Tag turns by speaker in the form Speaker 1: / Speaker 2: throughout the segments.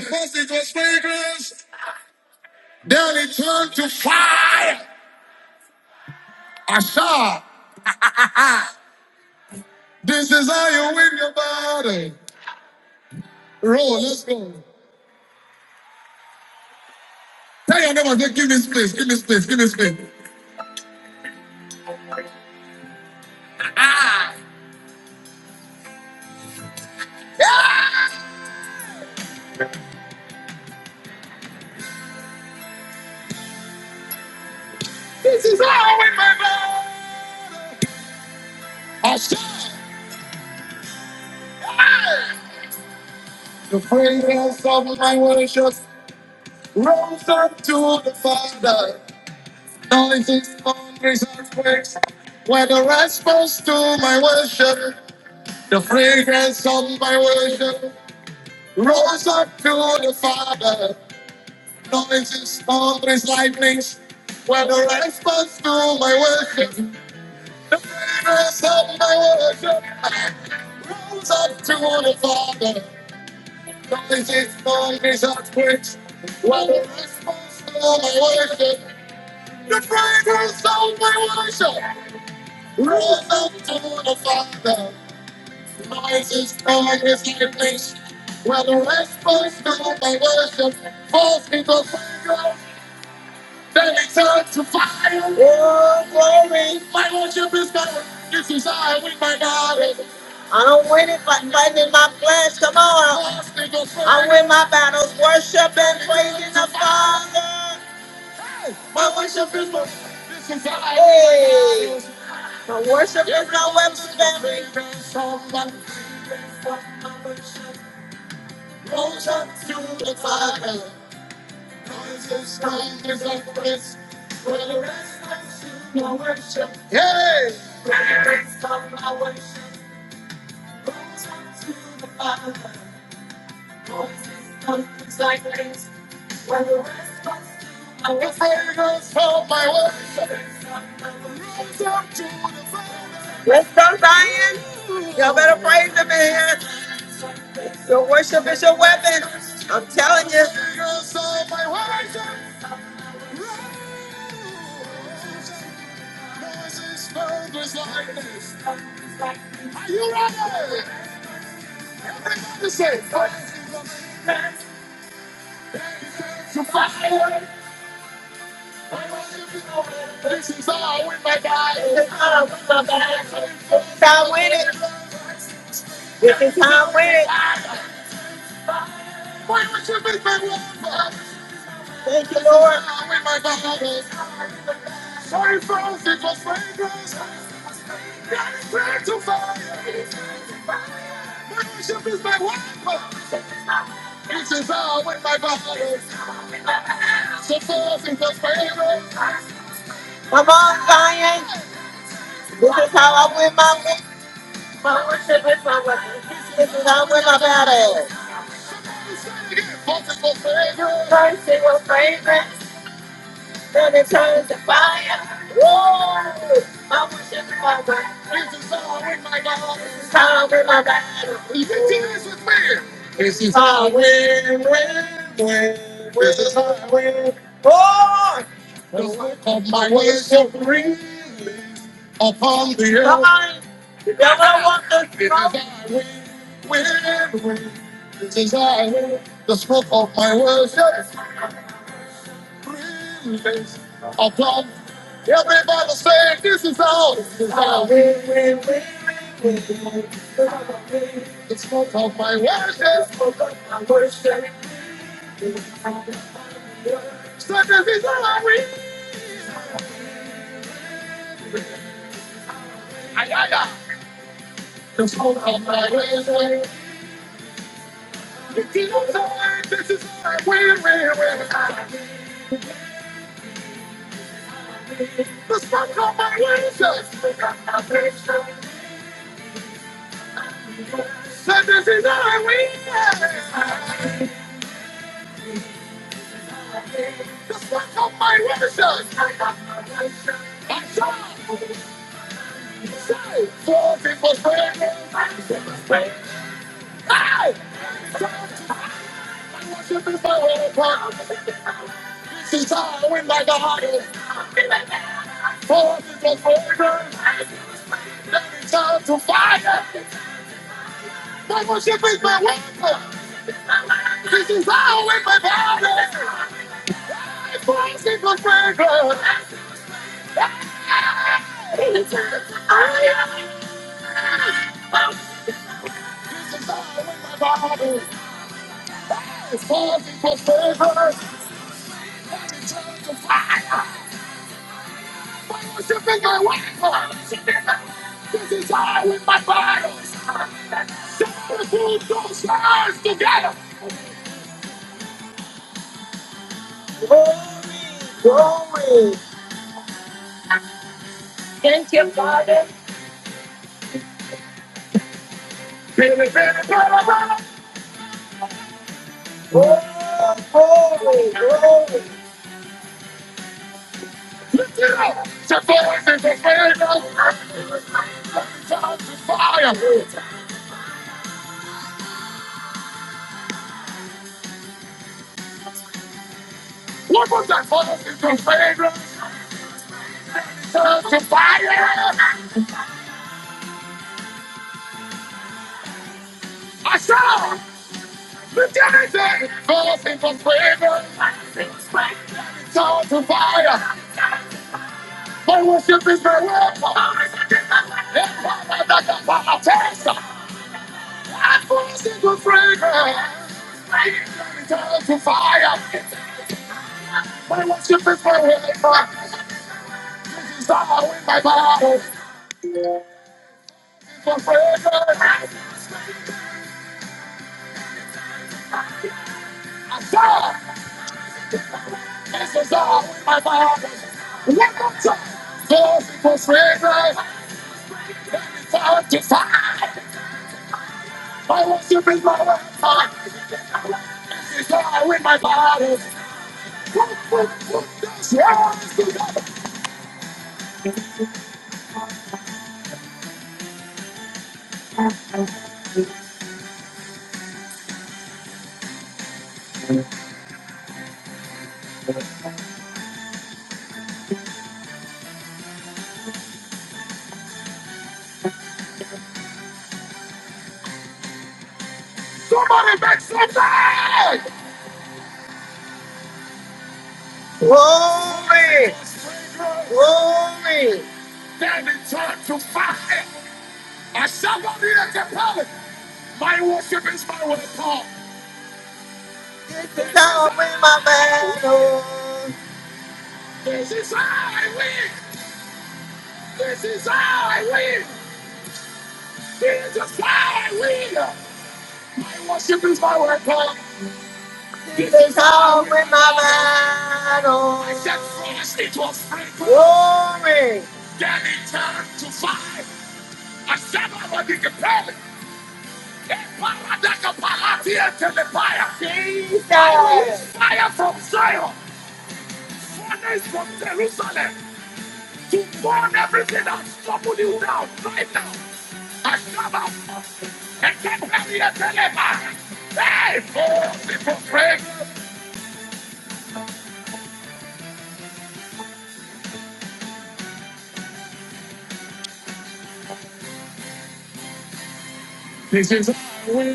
Speaker 1: Because it was fragrance, then it turned to fire. Asha, this is how you win your body. Roll, let's go. Tell your neighbor, say, give me space, give me space, give me space. Ah, Asha, the fragrance of my worship rose up to the Father. Noises, thunders, earthquakes were the response to my worship. The fragrance of my worship rose up to the Father. noises, thunders, lightnings. Where the lights burst through my worship, the prayers of my worship rose up to the Father. Noises, thunders, earthquakes. Where the lights burst through my worship, the prayers of my worship rose up to the Father. Noises, thunders, lightnings. Where the lights burst through my worship, falls into the They turn to fire. Oh, glory. My worship is better. This is I with my body. I don't win it by fighting my flesh. Come on. I win my battles. Worship and praising the Father. My worship is better. This is I. Hey. My worship is my weapon, baby. Hey! From my worship. Let's go, Zion. Y'all better praise him, in here. Your worship is your weapon. I'm telling you. Time with it. This is time with it. Thank you, Lord. Come on, Zion. This is how I win my wins. This is how I win my battle. Mercy will fragrance, then it turns to fire. Woo! I worship you, my God. This is how I win my battle. This is how I win my battle. This is how I win, win, win. This is how I win. Oh! The work of my worship really upon the earth. Come on. You never want this. This is how I win, win. desire the smoke of my worship breathes upon everybody saying this is how this is how the smoke of my worship so this is how we ay, ay, ay. the smoke of my worship this is how I read. this is how I we we we the smoke of my worship so this is how I we the smoke of my worship I shall. Four people praying. Five people's praying. Hey! I want you to be my whole part. This is how I win like a hottie. Four people praying. That is time to fight. I want you to be my whole part. This is how I win. Four people praying. I'm Four people praying. Fire! What was you think I waited for? This is how I win my battles. Somebody pull those hands together. Glory, glory. Thank you, Father. Baby, baby, baby, baby. Glory, glory, glory. Lift it up. Say, "Voices of fragrance, turn to fire." What was that voice in the fragrance? Turn to fire. I saw. Lift everything, everything from favor. It's all to fire. My worship is my weapon. Empire that can power test. My worship is my fragrance. It's all to fire. My worship is my weapon. It's all in my body. It's my I It's This is all in my body. Welcome to God's fragrance. Sanctified. My worship is my weapon. This is how I win my battles. Somebody make some noise! Glory! Glory! Then return to fire. I shall not be at the palace. My worship is my weapon. This is how I win my battles. This is how I win. This is how I win. This is how I win. I Worship is my weapon. It is all with my Oh. I said, first it was free. Glory. Then it turned to fire. I said, I want to get paid. Jesus. I wish Fire from Zion, furnace from Jerusalem, to burn everything that's troubled you down right now. I come out and get ready to deliver. Hey, for people, pray. This is our way.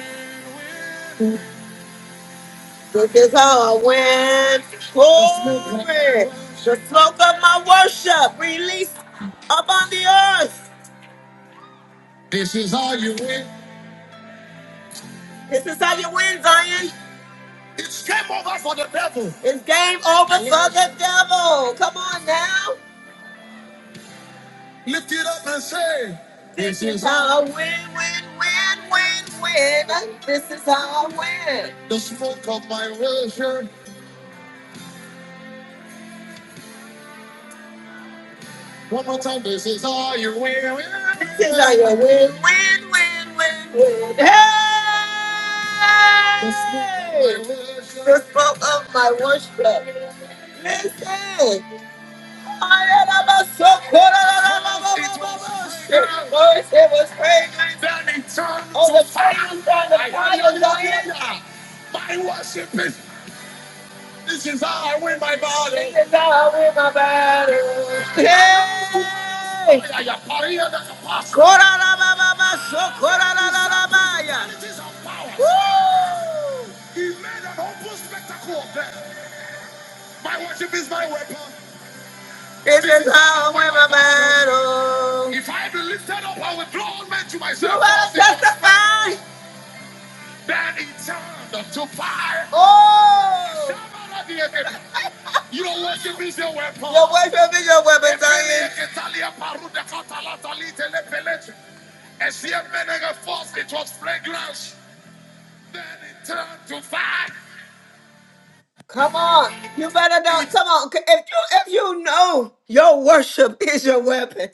Speaker 1: This is how I win. Glory. The smoke of my worship released upon the earth. This is how you win. This is how you win, Zion. It's game over for the devil. It's game over for the devil. Come on now. Lift it up and say, This is how I win, win, win, win, win. This is how I win. The smoke of my worship. One more time, this is all you win, This is all you win, win, win, win, win. Hey! The smoke of my worship. Listen! Voice, it was praying. Oh, the fire, the fire, the fire. My worship is, this is how I win my body. Hey! Korarababa, sokorarabaya. Woo! It is how we were battle. If I win a battle. You will testify. Then he turned to fire. Oh! You don't worship Your wife having your weapons dying. ketalia parude katala talite lepelete. force, it was fragrance. Then it turned to fire. Come on, you better know. Come on, if you if you know your worship is your weapon,